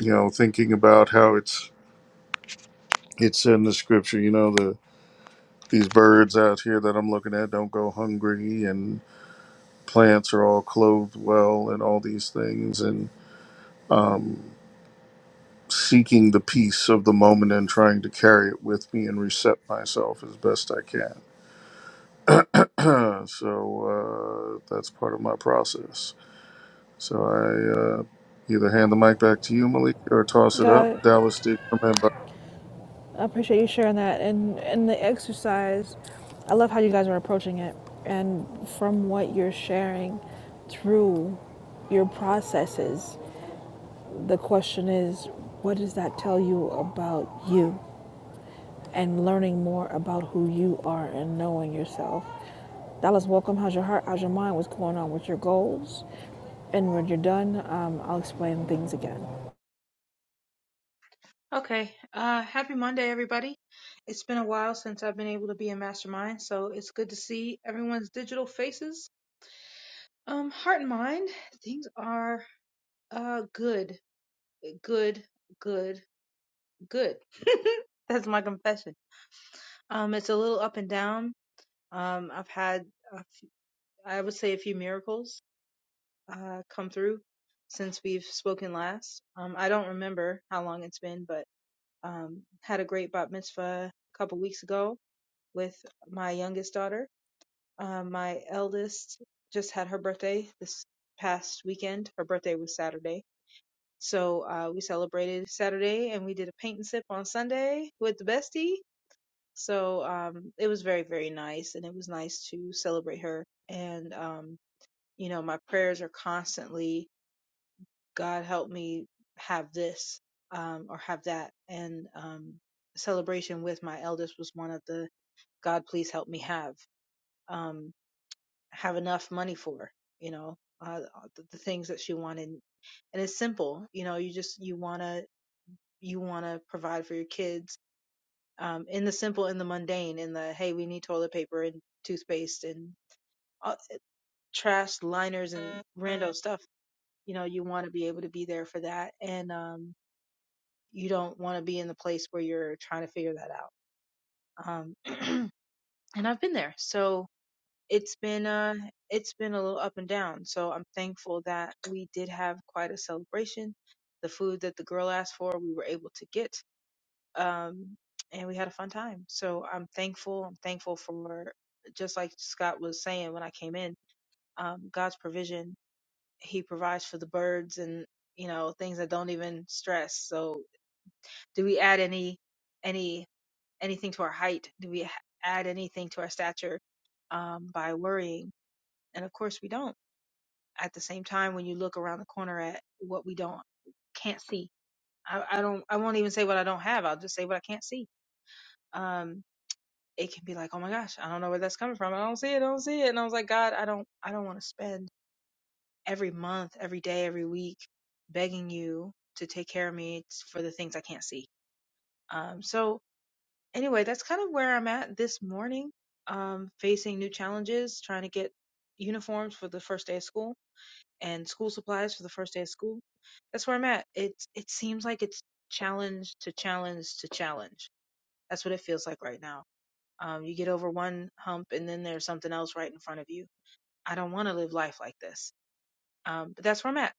you know, thinking about how it's it's in the scripture, you know, the. These birds out here that I'm looking at don't go hungry, and plants are all clothed well, and all these things, and um, seeking the peace of the moment and trying to carry it with me and reset myself as best I can. so uh, that's part of my process. So I uh, either hand the mic back to you, Malik, or toss it Got up. it. Dallas did come in, but I appreciate you sharing that. And and the exercise, I love how you guys are approaching it. And from what you're sharing through your processes, the question is, what does that tell you about you? and learning more about who you are and knowing yourself. Dallas, welcome. How's your heart? How's your mind? What's going on with your goals? And when you're done, um, I'll explain things again. Okay. Uh, happy Monday, everybody. It's been a while since I've been able to be in Mastermind, so it's good to see everyone's digital faces. Um, heart and mind, things are uh good, good, good, good. That's my confession. Um, it's a little up and down. Um, I've had, uh, I would say, a few miracles uh come through since we've spoken last. Um, I don't remember how long it's been, but um, had a great bat mitzvah a couple weeks ago with my youngest daughter. Um, my eldest just had her birthday this past weekend. Her birthday was Saturday. So uh, we celebrated Saturday and we did a paint and sip on Sunday with the bestie. So um, it was very, very nice. And it was nice to celebrate her. And, um, you know, my prayers are constantly, God help me have this um, or have that. And um, celebration with my eldest was one of the God, please help me have. Um, have enough money for, you know, uh, uh, the, the things that she wanted. And it's simple, you know, you just, you want to, you want to provide for your kids, um, in the simple, in the mundane, in the, hey, we need toilet paper and toothpaste and uh, trash liners and rando stuff. You know, you want to be able to be there for that. And, um, you don't want to be in the place where you're trying to figure that out. Um, and I've been there. So, it's been uh it's been a little up and down. So I'm thankful that we did have quite a celebration. The food that the girl asked for, we were able to get. Um and we had a fun time. So I'm thankful. I'm thankful for just like Scott was saying when I came in, um, God's provision. He provides for the birds and you know things that don't even stress. So do we add any any anything to our height? Do we ha- add anything to our stature um, by worrying? And of course we don't at the same time when you look around the corner at what we don't can't see. I, I don't I won't even say what I don't have. I'll just say what I can't see. Um it can be like, oh my gosh, I don't know where that's coming from. I don't see it, I don't see it. And I was like, God, I don't I don't want to spend every month, every day, every week begging you to take care of me for the things I can't see. Um so anyway, that's kind of where I'm at this morning. Um facing new challenges, trying to get uniforms for the first day of school and school supplies for the first day of school. That's where I'm at. It it seems like it's challenge to challenge to challenge. That's what it feels like right now. Um, you get over one hump and then there's something else right in front of you. I don't want to live life like this. Um, but that's where I'm at.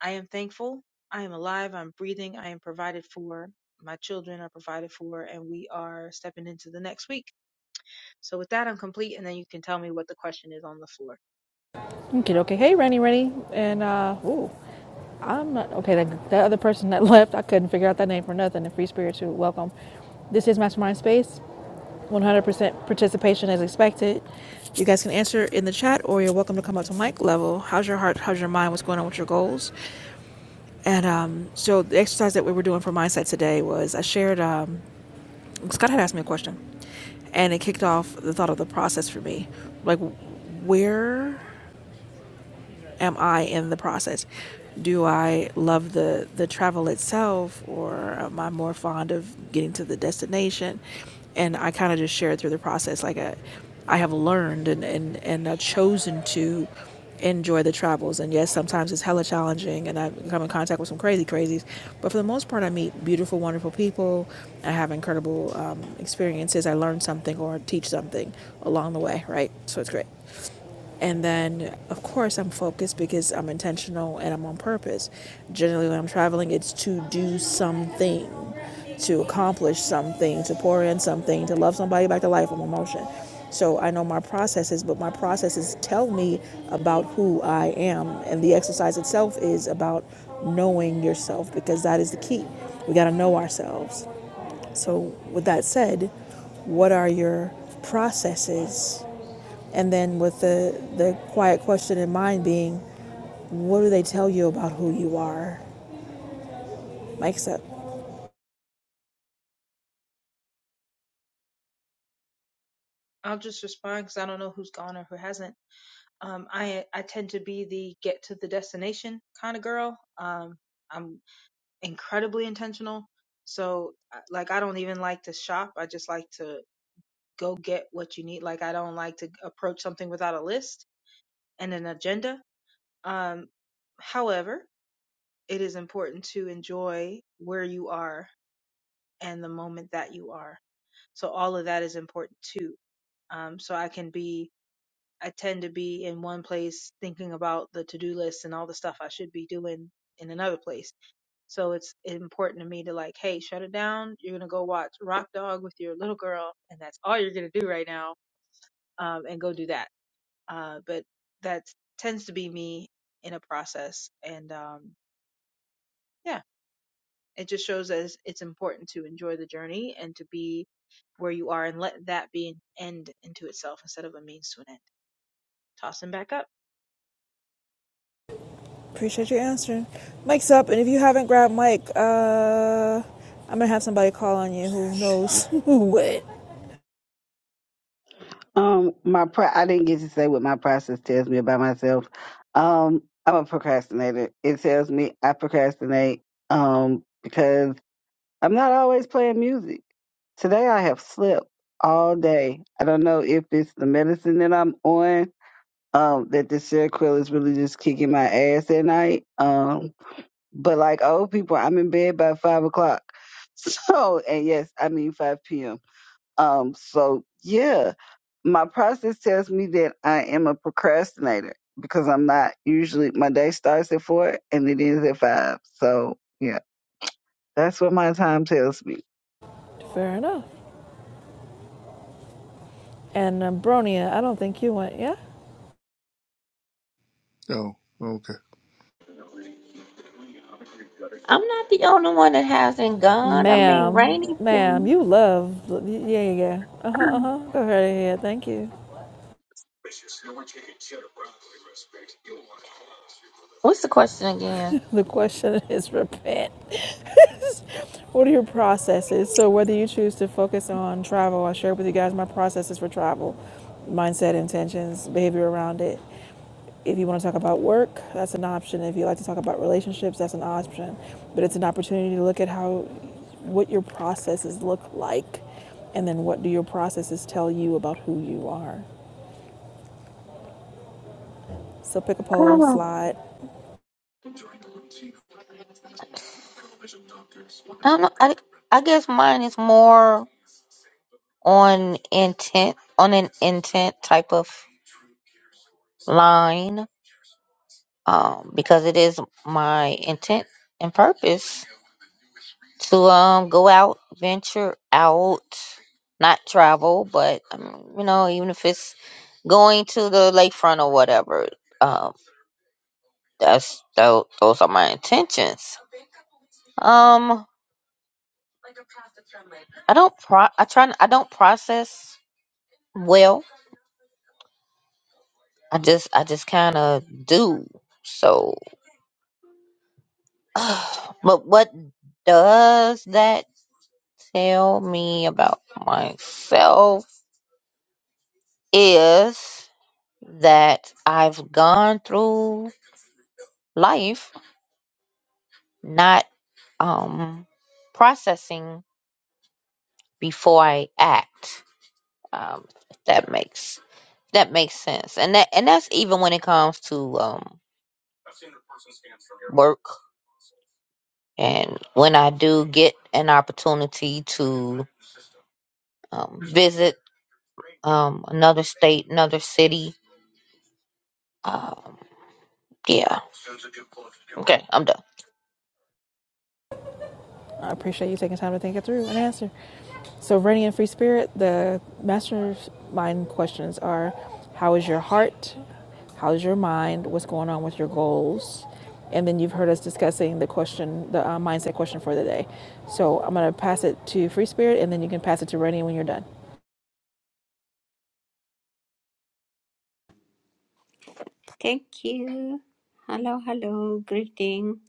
I am thankful. I am alive. I'm breathing. I am provided for. My children are provided for, and we are stepping into the next week. So with that, I'm complete, and then you can tell me what the question is on the floor. Okay, okay. Hey, Rennie, Rennie. And, uh, ooh, I'm not, okay, that, that other person that left, I couldn't figure out that name for nothing. And Free Spirit, too. Welcome. This is Mastermind Space. 100% participation is expected. You guys can answer in the chat or you're welcome to come up to mic level. How's your heart? How's your mind? What's going on with your goals? And um, so the exercise that we were doing for mindset today was I shared, um, Scott had asked me a question, and it kicked off the thought of the process for me. Like, where am I in the process? Do I love the the travel itself, or am I more fond of getting to the destination? And I kind of just share through the process, like I, I have learned and and and I've chosen to enjoy the travels. And yes, sometimes it's hella challenging, and I have come in contact with some crazy crazies. But for the most part, I meet beautiful, wonderful people. I have incredible um, experiences. I learn something or teach something along the way, right? So it's great. And then, of course, I'm focused because I'm intentional and I'm on purpose. Generally, when I'm traveling, it's to do something, to accomplish something, to pour in something, to love somebody back to life. I'm emotion. So I know my processes, but my processes tell me about who I am. And the exercise itself is about knowing yourself because that is the key. We got to know ourselves. So, with that said, what are your processes and then with the, the quiet question in mind being, what do they tell you about who you are? Mike's up. I'll just respond because I don't know who's gone or who hasn't. Um, I I tend to be the get to the destination kind of girl. Um, I'm incredibly intentional. So uh, like I don't even like to shop. I just like to go get what you need. Like I don't like to approach something without a list and an agenda. Um, however, it is important to enjoy where you are and the moment that you are. So all of that is important too. Um, so I can be I tend to be in one place thinking about the to-do list and all the stuff I should be doing in another place. So it's important to me to like, hey, shut it down. You're gonna go watch Rock Dog with your little girl, and that's all you're gonna do right now. Um, and go do that. Uh, but that tends to be me in a process, and um, yeah, it just shows as it's it's important to enjoy the journey and to be where you are and let that be an end into itself instead of a means to an end. Toss them back up. Appreciate your answer. Mike's up, and if you haven't grabbed Mike, uh, I'm gonna have somebody call on you who knows who what. Um, my pro- I didn't get to say what my process tells me about myself. Um, I'm a procrastinator. It tells me I procrastinate. Um, because I'm not always playing music. Today I have slept all day. I don't know if it's the medicine that I'm on, um, that the Seroquel is really just kicking my ass at night. Um, but like old people, I'm in bed by five o'clock. So, and yes, I mean five p.m. Um, so yeah, my process tells me that I am a procrastinator because I'm not usually my day starts at four and it ends at five. So yeah, that's what my time tells me. Fair enough. And um, Bronia, I don't think you went, yeah? oh, okay. I'm not the only one that hasn't gone. I mean, Ma'am, Rainy. ma'am, been- you love, yeah, yeah, yeah. Uh huh, uh huh. Go right ahead, yeah, yeah, thank you. What's the question again? The question is repent. What are your processes? So, whether you choose to focus on travel, I shared with you guys my processes for travel, mindset, intentions, behavior around it. If you want to talk about work, that's an option. If you like to talk about relationships, that's an option. But it's an opportunity to look at how, what your processes look like, and then what do your processes tell you about who you are. So, pick a poll, Um, slide, I don't know. I, I guess mine is more on intent, on an intent type of line, um, because it is my intent and purpose to um go out, venture out, not travel, but um, you know, even if it's going to the lakefront or whatever, um, that's tho- those are my intentions. Um, I don't pro, I try, I I don't process well. I just, I just kind of do. So, but what does that tell me about myself is that I've gone through life not um processing before I act. Um if that makes that makes sense. And that and that's even when it comes to um work and when I do get an opportunity to um visit um another state, another city. Um yeah. Okay, I'm done. I appreciate you taking time to think it through and answer. So, Rennie and Free Spirit, the mastermind questions are how is your heart? How is your mind? What's going on with your goals? And then you've heard us discussing the question, the uh, mindset question for the day. So, I'm going to pass it to Free Spirit and then you can pass it to Rennie when you're done. Thank you. Hello, hello. Greeting.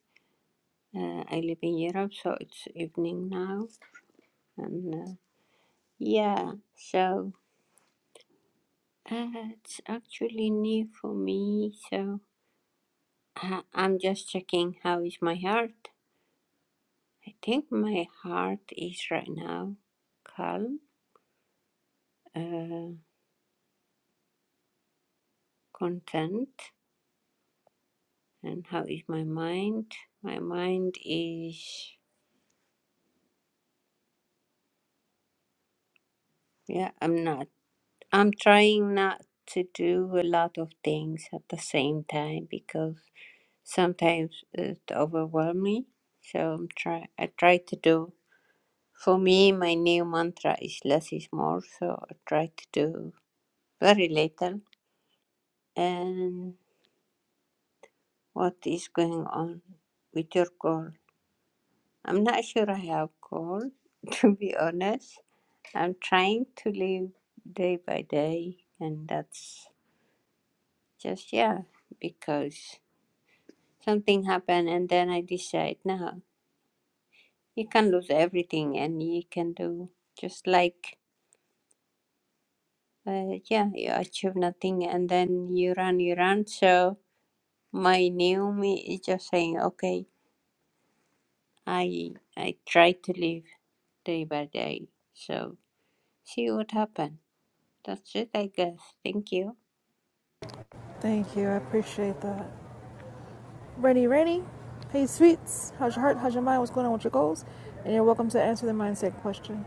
Uh, I live in Europe, so it's evening now. And uh, yeah, so uh, it's actually new for me. So uh, I'm just checking how is my heart. I think my heart is right now calm, uh, content. And how is my mind? My mind is yeah. I'm not. I'm trying not to do a lot of things at the same time because sometimes it overwhelms me. So I'm try I try to do for me my new mantra is less is more, so I try to do very little and what is going on with your call. I'm not sure I have call to be honest. I'm trying to live day by day and that's just yeah because something happen and then i decide no you can lose everything and you can do just like uh, yeah you achieve nothing and then you run you run so my new me is just saying okay i i try to live day by day so see what happens that's it i guess thank you Thank you. I appreciate that. Rennie, Rennie, hey, sweets. How's your heart? How's your mind? What's going on with your goals? And you're welcome to answer the mindset question.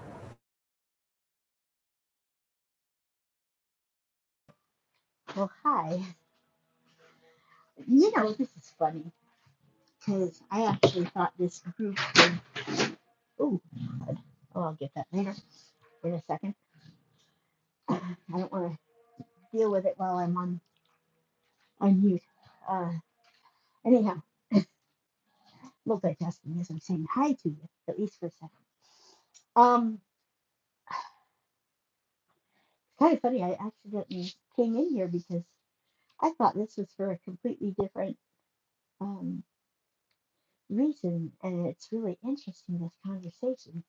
Well, hi. You know, this is funny because I actually thought this group would. Oh, oh, I'll get that later in a second. Uh, I don't want to deal with it while I'm on, on mute. Uh, anyhow, multitasking as I'm saying hi to you, at least for a second. Um, kind of funny. I accidentally came in here because I thought this was for a completely different um, reason, and it's really interesting this conversation.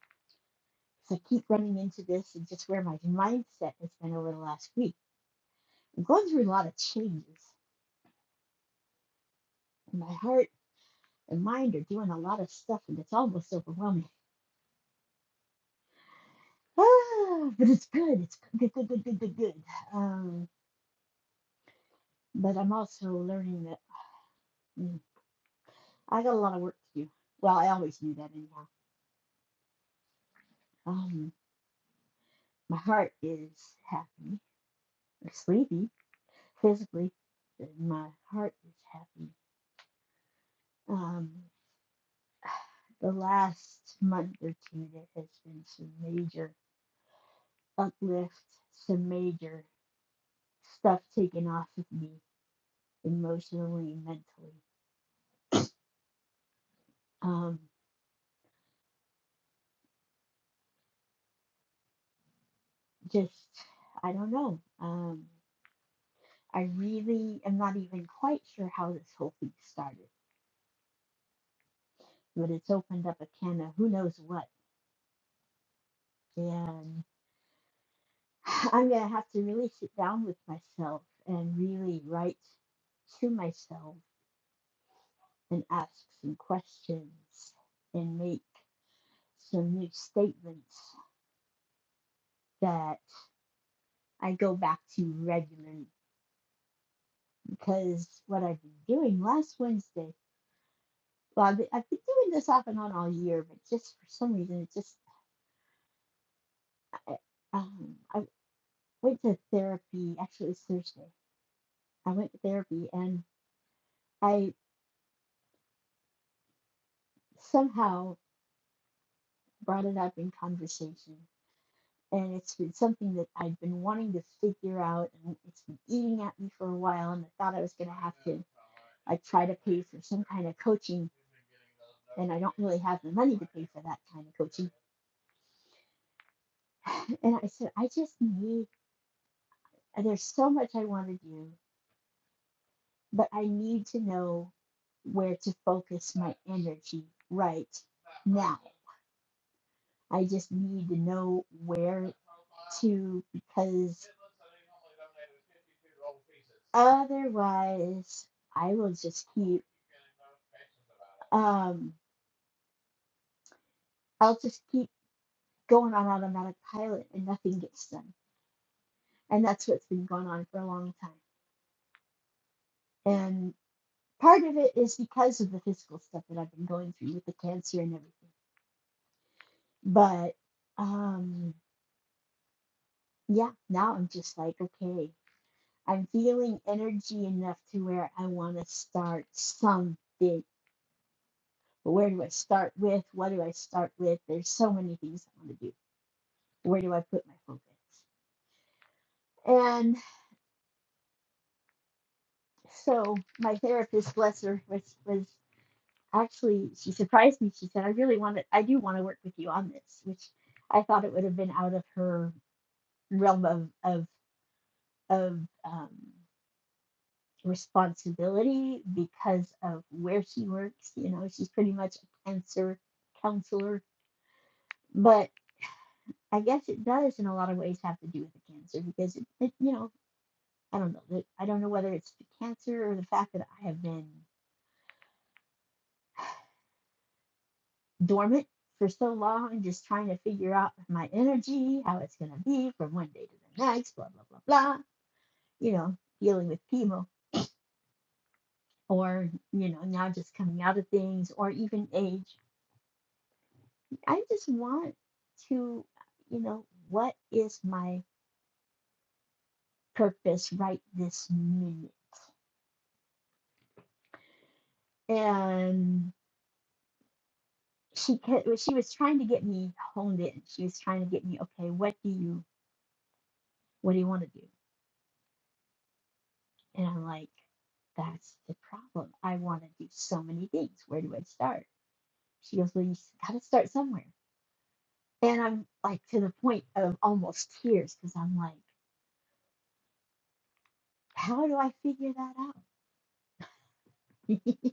So I keep running into this and just where my mindset has been over the last week I'm going through a lot of changes. And my heart and mind are doing a lot of stuff, and it's almost overwhelming. Ah, but it's good. It's good, good, good, good, good, good. Um, but I'm also learning that mm, I got a lot of work to do. Well, I always knew that anyhow. Um, my heart is happy, or sleepy physically. My heart is happy. Um, the last month or two, there has been some major uplift, some major stuff taken off of me emotionally, mentally. Um, just, I don't know. Um, I really am not even quite sure how this whole thing started, but it's opened up a can of who knows what. And I'm going to have to really sit down with myself and really write to myself and ask some questions and make some new statements that I go back to regularly because what I've been doing last Wednesday, well, I've been, I've been doing this off and on all year, but just for some reason, it just, I, um, I went to therapy, actually, it's Thursday. I went to therapy and I somehow brought it up in conversation. And it's been something that I've been wanting to figure out, and it's been eating at me for a while. And I thought I was going to have to like try to pay for some kind of coaching, and I don't really have the money to pay for that kind of coaching And I said, I just need, and there's so much I want to do, but I need to know where to focus my energy right now. I just need to know where to, because otherwise I will just keep, um, I'll just keep going on automatic pilot and nothing gets done. And that's what's been going on for a long time. And. part of it is because of the physical stuff that I've been going through with the cancer and everything. But um yeah, now I'm just like, okay, I'm feeling energy enough to where I want to start something. But where do I start with? What do I start with? There's so many things I want to do. Where do I put my focus? And so my therapist, bless her, was, was actually, she surprised me. She said, I really want to, I do want to work with you on this, which I thought it would have been out of her realm of of of um, responsibility because of where she works. You know, she's pretty much a cancer counselor, but I guess it does in a lot of ways have to do with the cancer because it, it you know, I don't know. that- I don't know whether it's the cancer or the fact that I have been dormant for so long just trying to figure out my energy, how it's going to be from one day to the next, blah, blah, blah, blah, you know, dealing with chemo or you know now just coming out of things or even age i just want to you know what is my purpose right this minute and she kept, well, she was trying to get me honed in she was trying to get me okay what do you what do you want to do and i'm like that's the problem i want to do so many things where do i start she goes well you gotta start somewhere and i'm like to the point of almost tears because i'm like how do i figure that out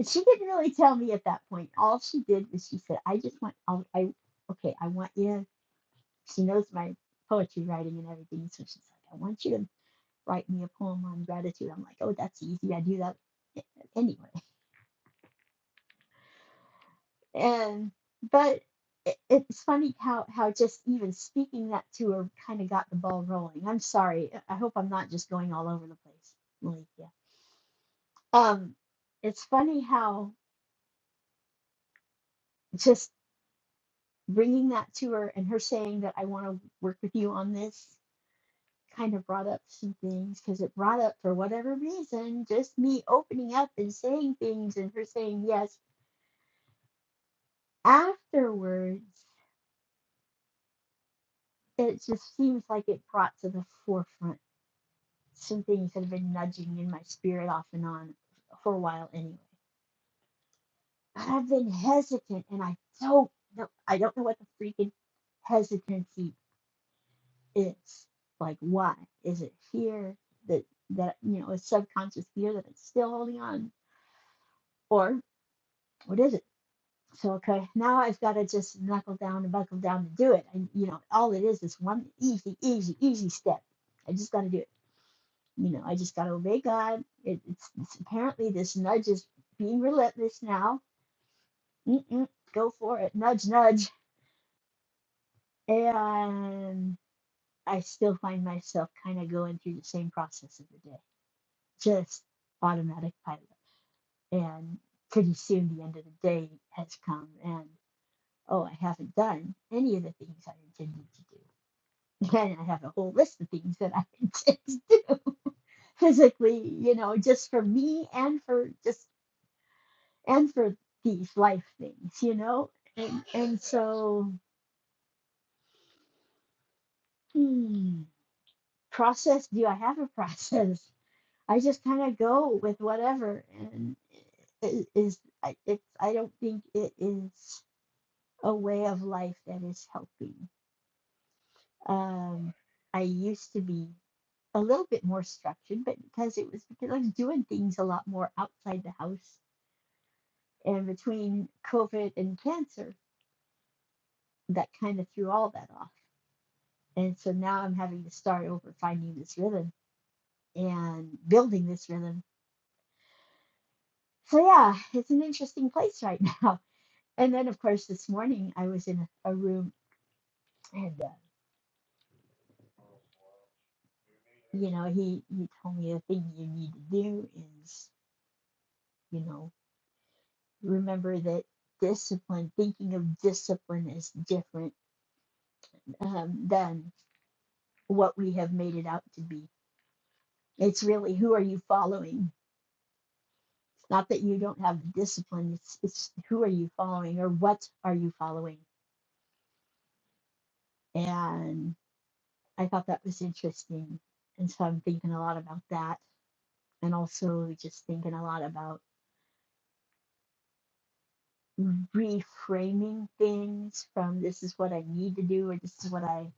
And she didn't really tell me at that point. All she did was she said, "I just want, I'll, I okay, I want you." to-" She knows my poetry writing and everything, so she's like, "I want you to write me a poem on gratitude." I'm like, "Oh, that's easy. I do that anyway." And but it, it's funny how how just even speaking that to her kind of got the ball rolling. I'm sorry. I hope I'm not just going all over the place, Malikia. Um, it's funny how just bringing that to her and her saying that I want to work with you on this kind of brought up some things because it brought up for whatever reason just me opening up and saying things and her saying yes afterwards it just seems like it brought to the forefront some things that have been nudging in my spirit off and on for a while anyway but I've been hesitant and I don't know I don't know what the freaking hesitancy it's like why is it here that that you know is subconscious here that it's still holding on or what is it so okay now i've got to just knuckle down and buckle down to do it and you know all it is is one easy easy easy step i just got to do it you know i just got to obey god it, it's, it's apparently this nudge is being relentless now Mm-mm, go for it nudge nudge and i still find myself kind of going through the same process of the day. just automatic pilot. And pretty soon the end of the day has come, and oh, I haven't done any of the things I intended to do. And I have a whole list of things that I intend to do physically, you know, just for me and for just and for these life things, you know. And and so, hmm, process. Do I have a process? I just kind of go with whatever, and it is I- it's I don't think it is a way of life that is helping. Um, I used to be a little bit more structured, but because it was because I was doing things a lot more outside the house, and between COVID and cancer, that kind of threw all that off. And so now I'm having to start over, finding this rhythm and building this rhythm. So yeah, it's an interesting place right now. And then, of course, this morning I was in a, a room, and uh, you know, he he told me the thing you need to do is, you know, remember that discipline, thinking of discipline is different um, than what we have made it out to be. It's really who are you following? not that you don't have the discipline. It's it's who are you following or what are you following? And I thought that was interesting, and so I'm thinking a lot about that, and also just thinking a lot about. reframing things from this is what I need to do or this is what I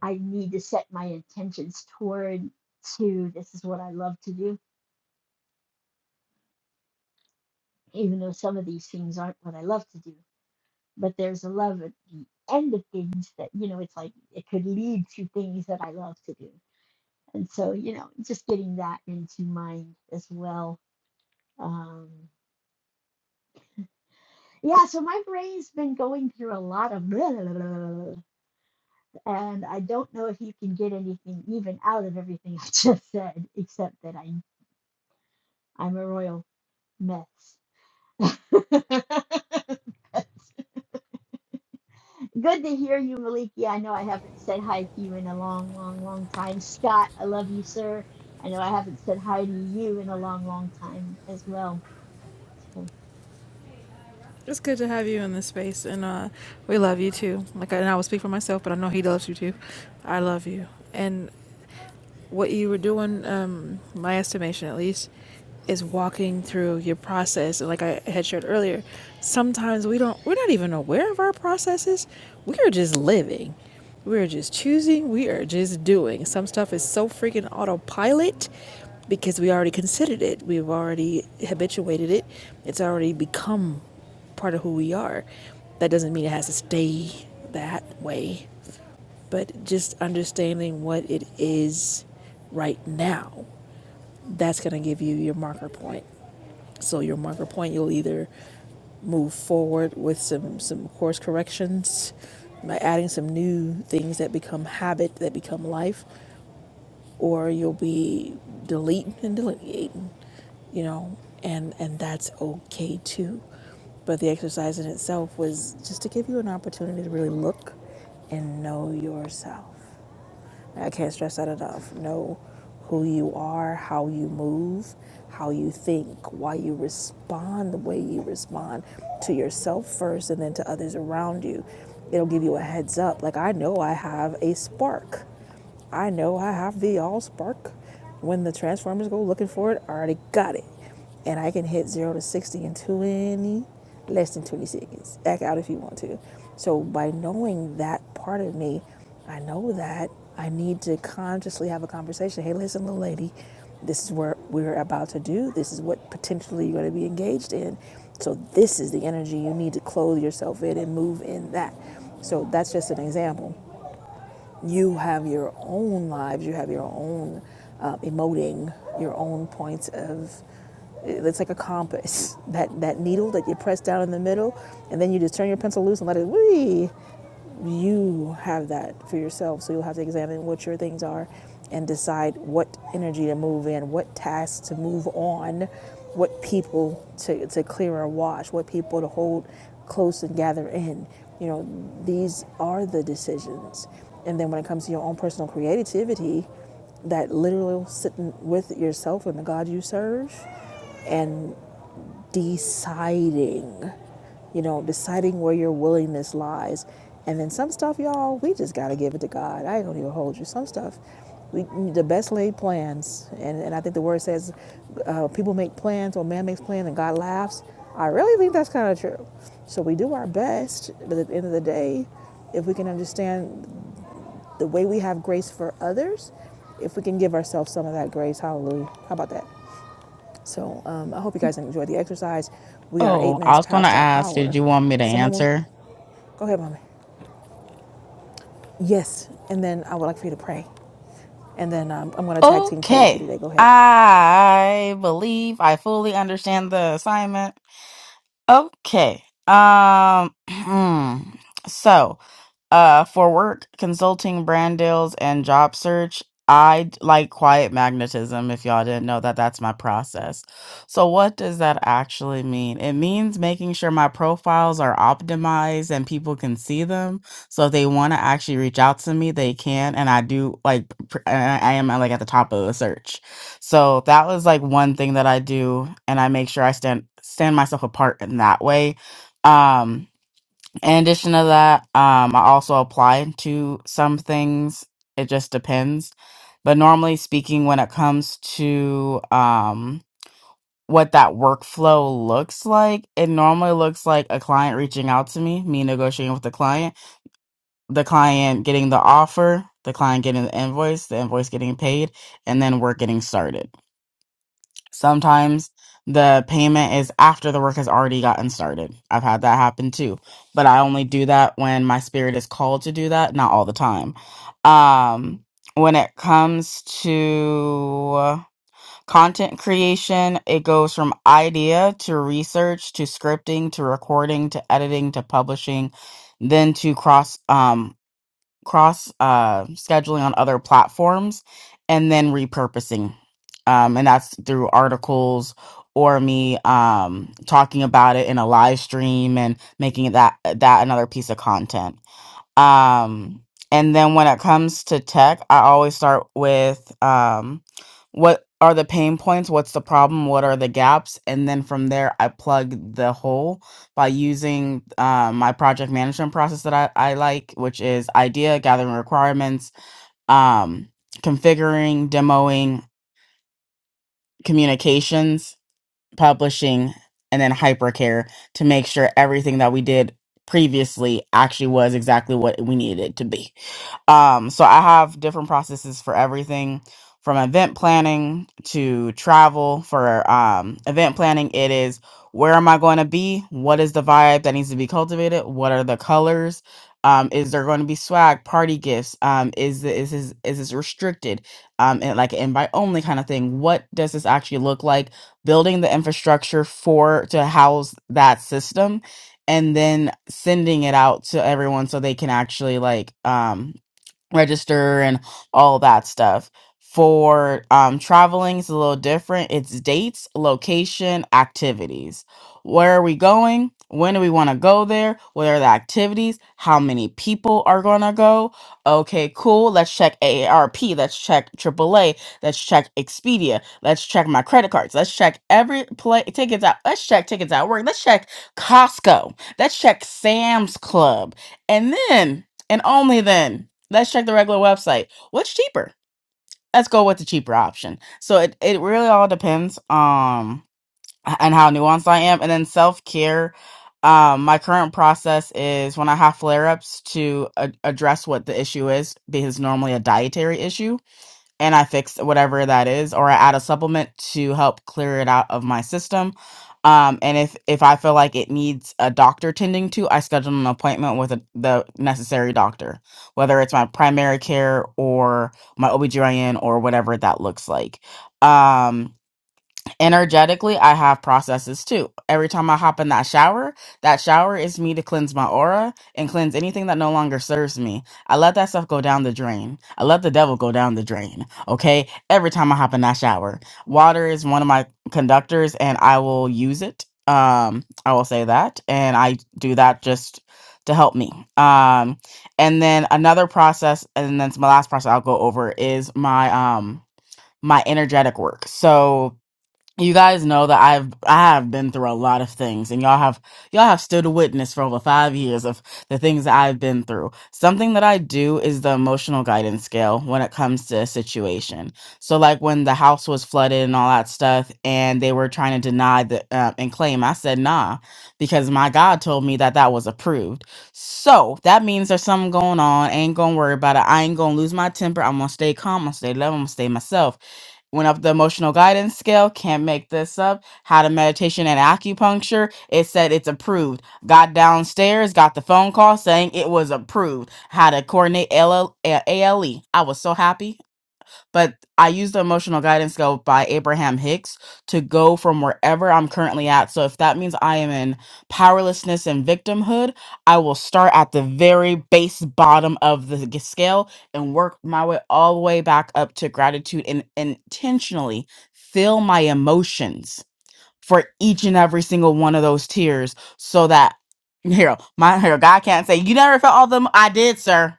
I need to set my intentions toward to this is what I love to do even though some of these things aren't what I love to do but there's a love at the end of things that you know it's like it could lead to things that I love to do and so you know just getting that into mind as well um yeah so my brain's been going through a lot of And I don't know if you can get anything even out of everything I just said, except that I'm I'm a royal mess. Good to hear you, Maliki. I know I haven't said hi to you in a long, long, long time. Scott, I love you, sir. I know I haven't said hi to you in a long, long time as well. So It's good to have you in this space, and uh, we love you too. Like, I- and I will speak for myself, but I know he loves you too. I love you, and what you were doing, um, my estimation at least, is walking through your process. And like I had shared earlier, sometimes we don't, we're not even aware of our processes. We are just living. We are just choosing. We are just doing. Some stuff is so freaking autopilot because we already considered it. We've already habituated it. It's already become part of who we are. That doesn't mean it has to stay that way but just understanding what it is right now that's going to give you your marker point so your marker point you'll either move forward with some some course corrections by adding some new things that become habit that become life or you'll be deleting and deleting you know and and that's okay too but the exercise in itself was just to give you an opportunity to really look and know yourself I can't stress that enough. Know who you are, how you move, how you think, why you respond the way you respond to yourself first and then to others around you. It'll give you a heads up. Like, I know I have a spark. I know I have the all spark. When the Transformers go looking for it, I already got it and I can hit zero to sixty in twenty less than twenty seconds. Act out if you want to. So by knowing that part of me, I know that I need to consciously have a conversation. Hey, listen, little lady, this is what we're about to do. This is what potentially you're going to be engaged in. So this is the energy you need to clothe yourself in and move in that. So that's just an example you have your own lives, you have your own uh, emoting, your own points of. It's like a compass. That that needle that you press down in the middle, and then you just turn your pencil loose and let it. Wee, you have that for yourself. So you'll have to examine what your things are and decide what energy to move in, what tasks to move on, what people to, to clear or wash, what people to hold close and gather in. You know, these are the decisions. And then when it comes to your own personal creativity, that literal sitting with yourself and the God you serve and deciding, you know, deciding where your willingness lies. And then some stuff, y'all, we just got to give it to God. I ain't going to even hold you. Some stuff, we, the best laid plans, and, and I think the word says uh, people make plans or man makes plans and God laughs. I really think that's kind of true. So we do our best, but at the end of the day, if we can understand the way we have grace for others, if we can give ourselves some of that grace, hallelujah. How about that? So um, I hope you guys enjoy the exercise. We are eight Oh, I minutes was gonna past our ask. hour. Did you want me to So, Mama, answer? go ahead, Mommy. Yes, and then I would like for you to pray. And then um, I'm going to tag team pray with you Okay. today. Go ahead. I believe I fully understand the assignment. Okay. Um so uh, for work, consulting, brand deals, and job search, I d- like quiet magnetism. If y'all didn't know that, that's my process. So, what does that actually mean? It means making sure my profiles are optimized and people can see them. So, if they want to actually reach out to me, they can. And I do like, pr- and I I am uh, like at the top of the search. So, that was like one thing that I do, and I make sure I stand stand myself apart in that way. Um, in addition to that, um, I also apply to some things. It just depends. But normally speaking, when it comes to um, what that workflow looks like, it normally looks like a client reaching out to me, me negotiating with the client, the client getting the offer, the client getting the invoice, the invoice getting paid, and then work getting started. Sometimes the payment is after the work has already gotten started. I've had that happen too. But I only do that when my spirit is called to do that, not all the time. Um when it comes to content creation, it goes from idea to research to scripting to recording to editing to publishing, then to cross um cross uh, scheduling on other platforms and then repurposing um, and that's through articles or me um, talking about it in a live stream and making it that that another piece of content um, and then when it comes to tech, I always start with um, what are the pain points? What's the problem? What are the gaps? And then from there, I plug the hole by using uh, my project management process that I, I like, which is idea, gathering requirements, um, configuring, demoing, communications, publishing, and then hypercare to make sure everything that we did previously actually was exactly what we needed it to be. Um, so I have different processes for everything from event planning to travel. For um, event planning, it is where am I going to be? What is the vibe that needs to be cultivated? What are the colors? Um, is there going to be swag, party gifts? Um, is the, is this, is this restricted? Um, and like invite only kind of thing. What does this actually look like? Building the infrastructure for to house that system, and then sending it out to everyone so they can actually like um register and all that stuff. For um, traveling, it's a little different. It's dates, location, activities. Where are we going? When do we want to go there? What are the activities? How many people are going to go? Okay, cool. Let's check AARP. Let's check AAA. Let's check Expedia. Let's check my credit cards. Let's check every play tickets out. Let's check tickets out work. Let's check Costco. Let's check Sam's Club. And then, and only then, let's check the regular website. What's cheaper? Let's go with the cheaper option. So it, it really all depends um and how nuanced I am. And then self care. Um, my current process is when I have flare ups to a- address what the issue is because normally a dietary issue and I fix whatever that is, or I add a supplement to help clear it out of my system. Um, and if if I feel like it needs a doctor tending to, I schedule an appointment with a, the necessary doctor, whether it's my primary care or my OBGYN or whatever that looks like. Um, energetically i have processes too every time i hop in that shower that shower is me to cleanse my aura and cleanse anything that no longer serves me i let that stuff go down the drain i let the devil go down the drain okay every time i hop in that shower water is one of my conductors and i will use it um i will say that and i do that just to help me um and then another process and then it's my last process i'll go over is my um my energetic work so you guys know that I've I have been through a lot of things and y'all have y'all have stood witness for over 5 years of the things that I've been through. Something that I do is the emotional guidance scale when it comes to a situation. So like when the house was flooded and all that stuff and they were trying to deny the uh, and claim I said nah because my God told me that that was approved. So that means there's something going on. Ain't going to worry about it. I ain't going to lose my temper. I'm going to stay calm. I'm going to stay level. I'm going to stay myself Went up the emotional guidance scale. Can't make this up. How to meditation and acupuncture. It said it's approved. Got downstairs, got the phone call saying it was approved. How to coordinate LL, uh, was so happy. But I use the emotional guidance go by Abraham Hicks to go from wherever I'm currently at. So if that means I am in powerlessness and victimhood, I will start at the very base bottom of the g- scale and work my way all the way back up to gratitude and intentionally feel my emotions for each and every single one of those tears so that here my here god can't say you never felt all of them i did sir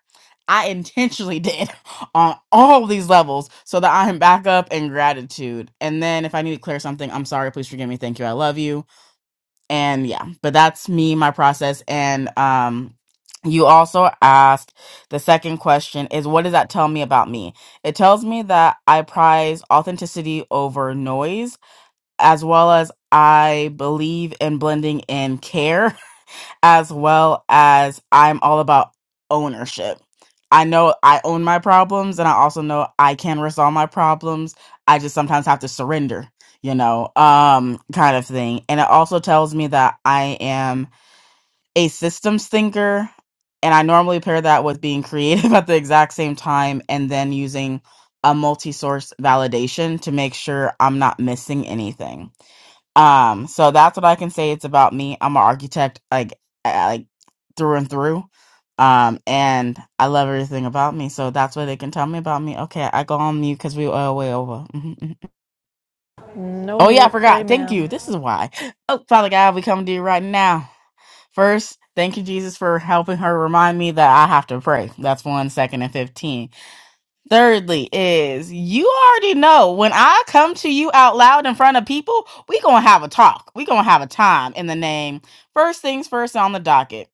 i intentionally did on all these levels so that i am back up in gratitude and then if i need to clear something i'm sorry please forgive me thank you i love you and yeah but that's me my process and um you also asked the second question is what does that tell me about me it tells me that i prize authenticity over noise as well as I believe in blending in care, as well as I'm all about ownership. I know I own my problems, and I also know I can resolve my problems. I just sometimes have to surrender, you know, um, kind of thing. And it also tells me that I am a systems thinker, and I normally pair that with being creative at the exact same time and then using a multi source validation to make sure I'm not missing anything. Um, so that's what I can say. It's about me. I'm an architect, like uh, like through and through. Um, and I love everything about me. So that's what they can tell me about me. Okay, I go on mute because we are way over. Mhm. mhm. No Oh yeah, I mute. Pray, forgot. Thank ma'am. you. This is why. Oh, Father God, we come to you right now. First, thank you, Jesus, for helping her remind me that I have to pray. That's one second and fifteen. Thirdly, is you already know when I come to you out loud in front of people, we gonna have a talk. We gonna have a time in the name. First things first on the docket.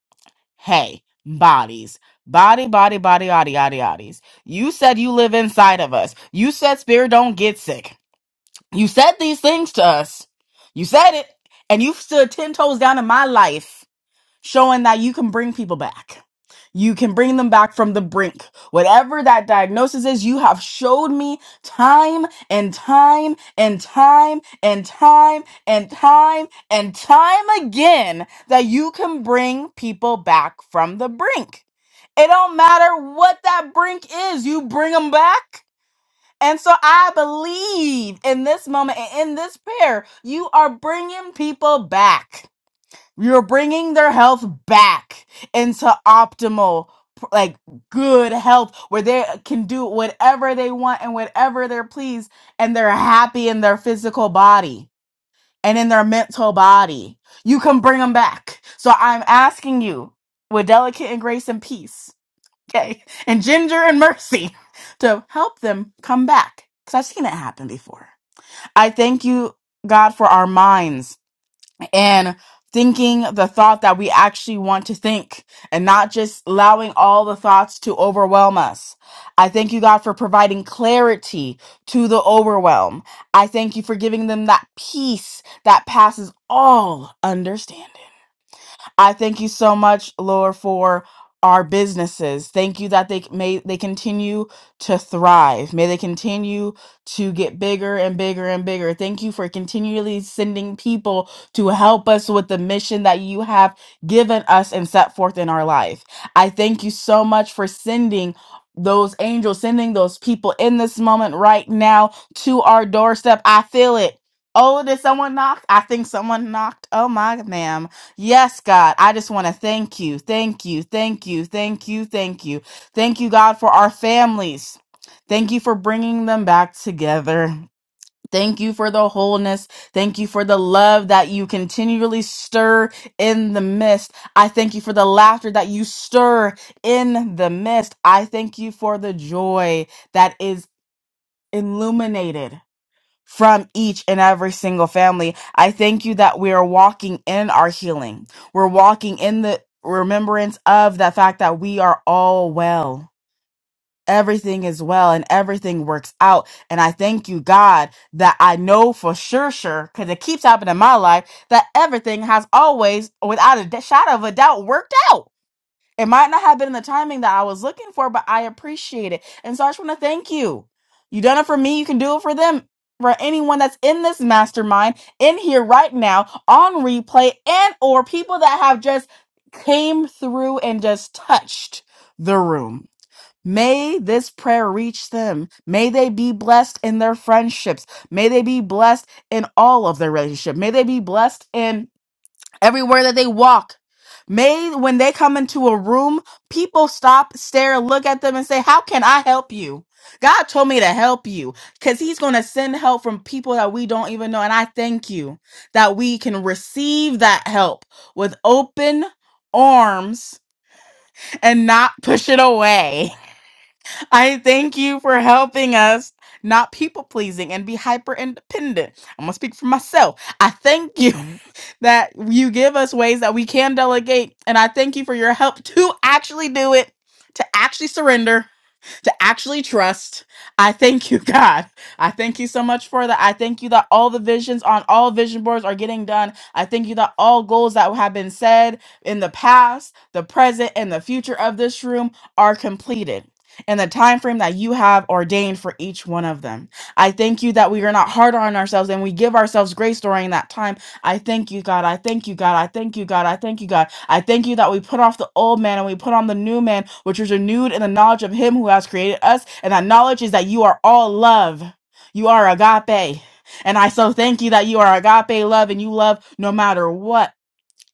Hey, bodies. Body, body, body, body, body, bodies. You said you live inside of us. You said spirit don't get sick. You said these things to us. You said it. And you've stood ten toes down in my life showing that you can bring people back. You can bring them back from the brink. Whatever that diagnosis is, you have showed me time and time and time and time and time and time again that you can bring people back from the brink. It don't matter what that brink is, you bring them back. And so I believe in this moment and in this prayer, you are bringing people back. You're bringing their health back into optimal, like good health where they can do whatever they want and whatever they're pleased, and they're happy in their physical body and in their mental body. You can bring them back. So I'm asking you with delicate and grace and peace, okay, and ginger and mercy to help them come back because I've seen it happen before. I thank you, God, for our minds and thinking the thought that we actually want to think and not just allowing all the thoughts to overwhelm us. I thank you, God, for providing clarity to the overwhelm. I thank you for giving them that peace that passes all understanding. I thank you so much, Lord, for our businesses. Thank you that they may they continue to thrive. May they continue to get bigger and bigger and bigger. Thank you for continually sending people to help us with the mission that you have given us and set forth in our life. I thank you so much for sending those angels, sending those people in this moment right now to our doorstep. I feel it. Oh, did someone knock? I think someone knocked. Oh my ma'am. Yes, God, I just want to thank you. Thank you. Thank you. Thank you. Thank you. Thank you, God, for our families. Thank you for bringing them back together. Thank you for the wholeness. Thank you for the love that you continually stir in the midst. I thank you for the laughter that you stir in the midst. I thank you for the joy that is illuminated from each and every single family. I thank you that we are walking in our healing. We're walking in the remembrance of the fact that we are all well. Everything is well and everything works out. And I thank you, God, that I know for sure, sure, because it keeps happening in my life, that everything has always, without a d- shadow of a doubt, worked out. It might not have been the timing that I was looking for, but I appreciate it. And so I just want to thank you. You done it for me. You can do it for them. For anyone that's in this mastermind, in here right now, on replay, and or people that have just came through and just touched the room. May this prayer reach them. May they be blessed in their friendships. May they be blessed in all of their relationship. May they be blessed in everywhere that they walk. May when they come into a room, people stop, stare, look at them, and say, How can I help you? God told me to help you because He's going to send help from people that we don't even know. And I thank you that we can receive that help with open arms and not push it away. I thank you for helping us not people pleasing and be hyper independent. I'm going to speak for myself. I thank you that you give us ways that we can delegate. And I thank you for your help to actually do it, to actually surrender to actually trust. I thank you, God. I thank you so much for that. I thank you that all the visions on all vision boards are getting done. I thank you that all goals that have been said in the past, the present, and the future of this room are completed in the time frame that you have ordained for each one of them. I thank you that we are not hard on ourselves and we give ourselves grace during that time. I thank you, God. I thank you, God. I thank you, God. I thank you, God I thank you that we put off the old man and we put on the new man, which is renewed in the knowledge of him who has created us. And that knowledge is that you are all love. You are agape. And I so thank you that you are agape love and you love no matter what.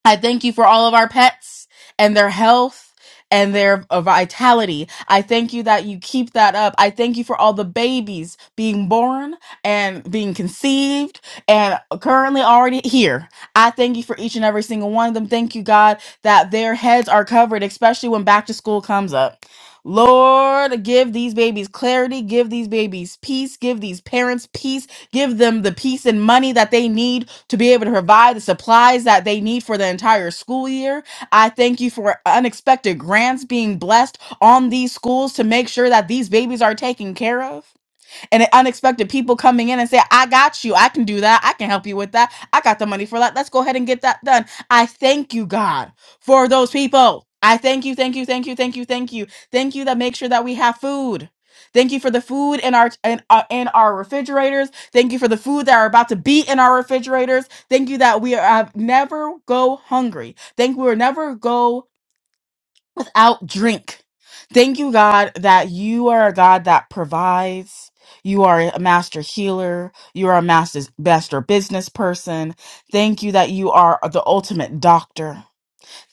I thank you for all of our pets and their health and their uh, vitality. I thank you that you keep that up. I thank you for all the babies being born and being conceived and currently already here. I thank you for each and every single one of them. Thank you, God, that their heads are covered, especially when back to school comes up. Lord, give these babies clarity, give these babies peace, give these parents peace Give them the peace and money that they need to be able to provide the supplies that they need for the entire school year. I thank you for unexpected grants being blessed on these schools to make sure that these babies are taken care of and unexpected people coming in and say, I got you. I can do that. I can help you with that. I got the money for that. Let's go ahead and get that done. I thank you, God, for those people. I thank you, thank you, thank you, thank you, thank you. Thank you that make sure that we have food. Thank you for the food in our in, uh, in our refrigerators. Thank you for the food that are about to be in our refrigerators. Thank you that we are, uh, never go hungry. Thank we will never go out drink. Thank you, God, that you are a God that provides. You are a master healer. You are a master, master business person. Thank you that you are the ultimate doctor.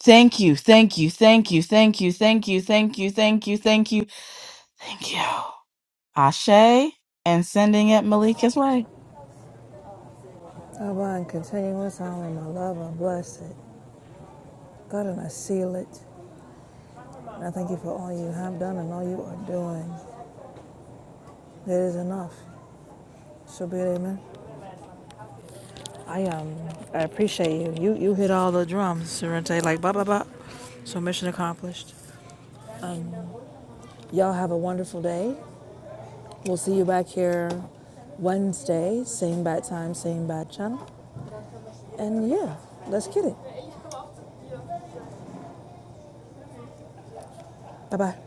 Thank you, thank you, thank you, thank you, thank you, thank you, thank you, thank you, thank you. Ashe and sending it Malika's way. I bind continuous all in my love and bless it. God, and I seal it. And I thank you for all you have done and all you are doing. It is enough. So be it, amen. I um I appreciate you. You you hit all the drums, Serente, like ba ba ba. So mission accomplished. Y'all have a wonderful day. We'll see you back here Wednesday, same bad time, same bad channel. And yeah, let's get it. Bye bye.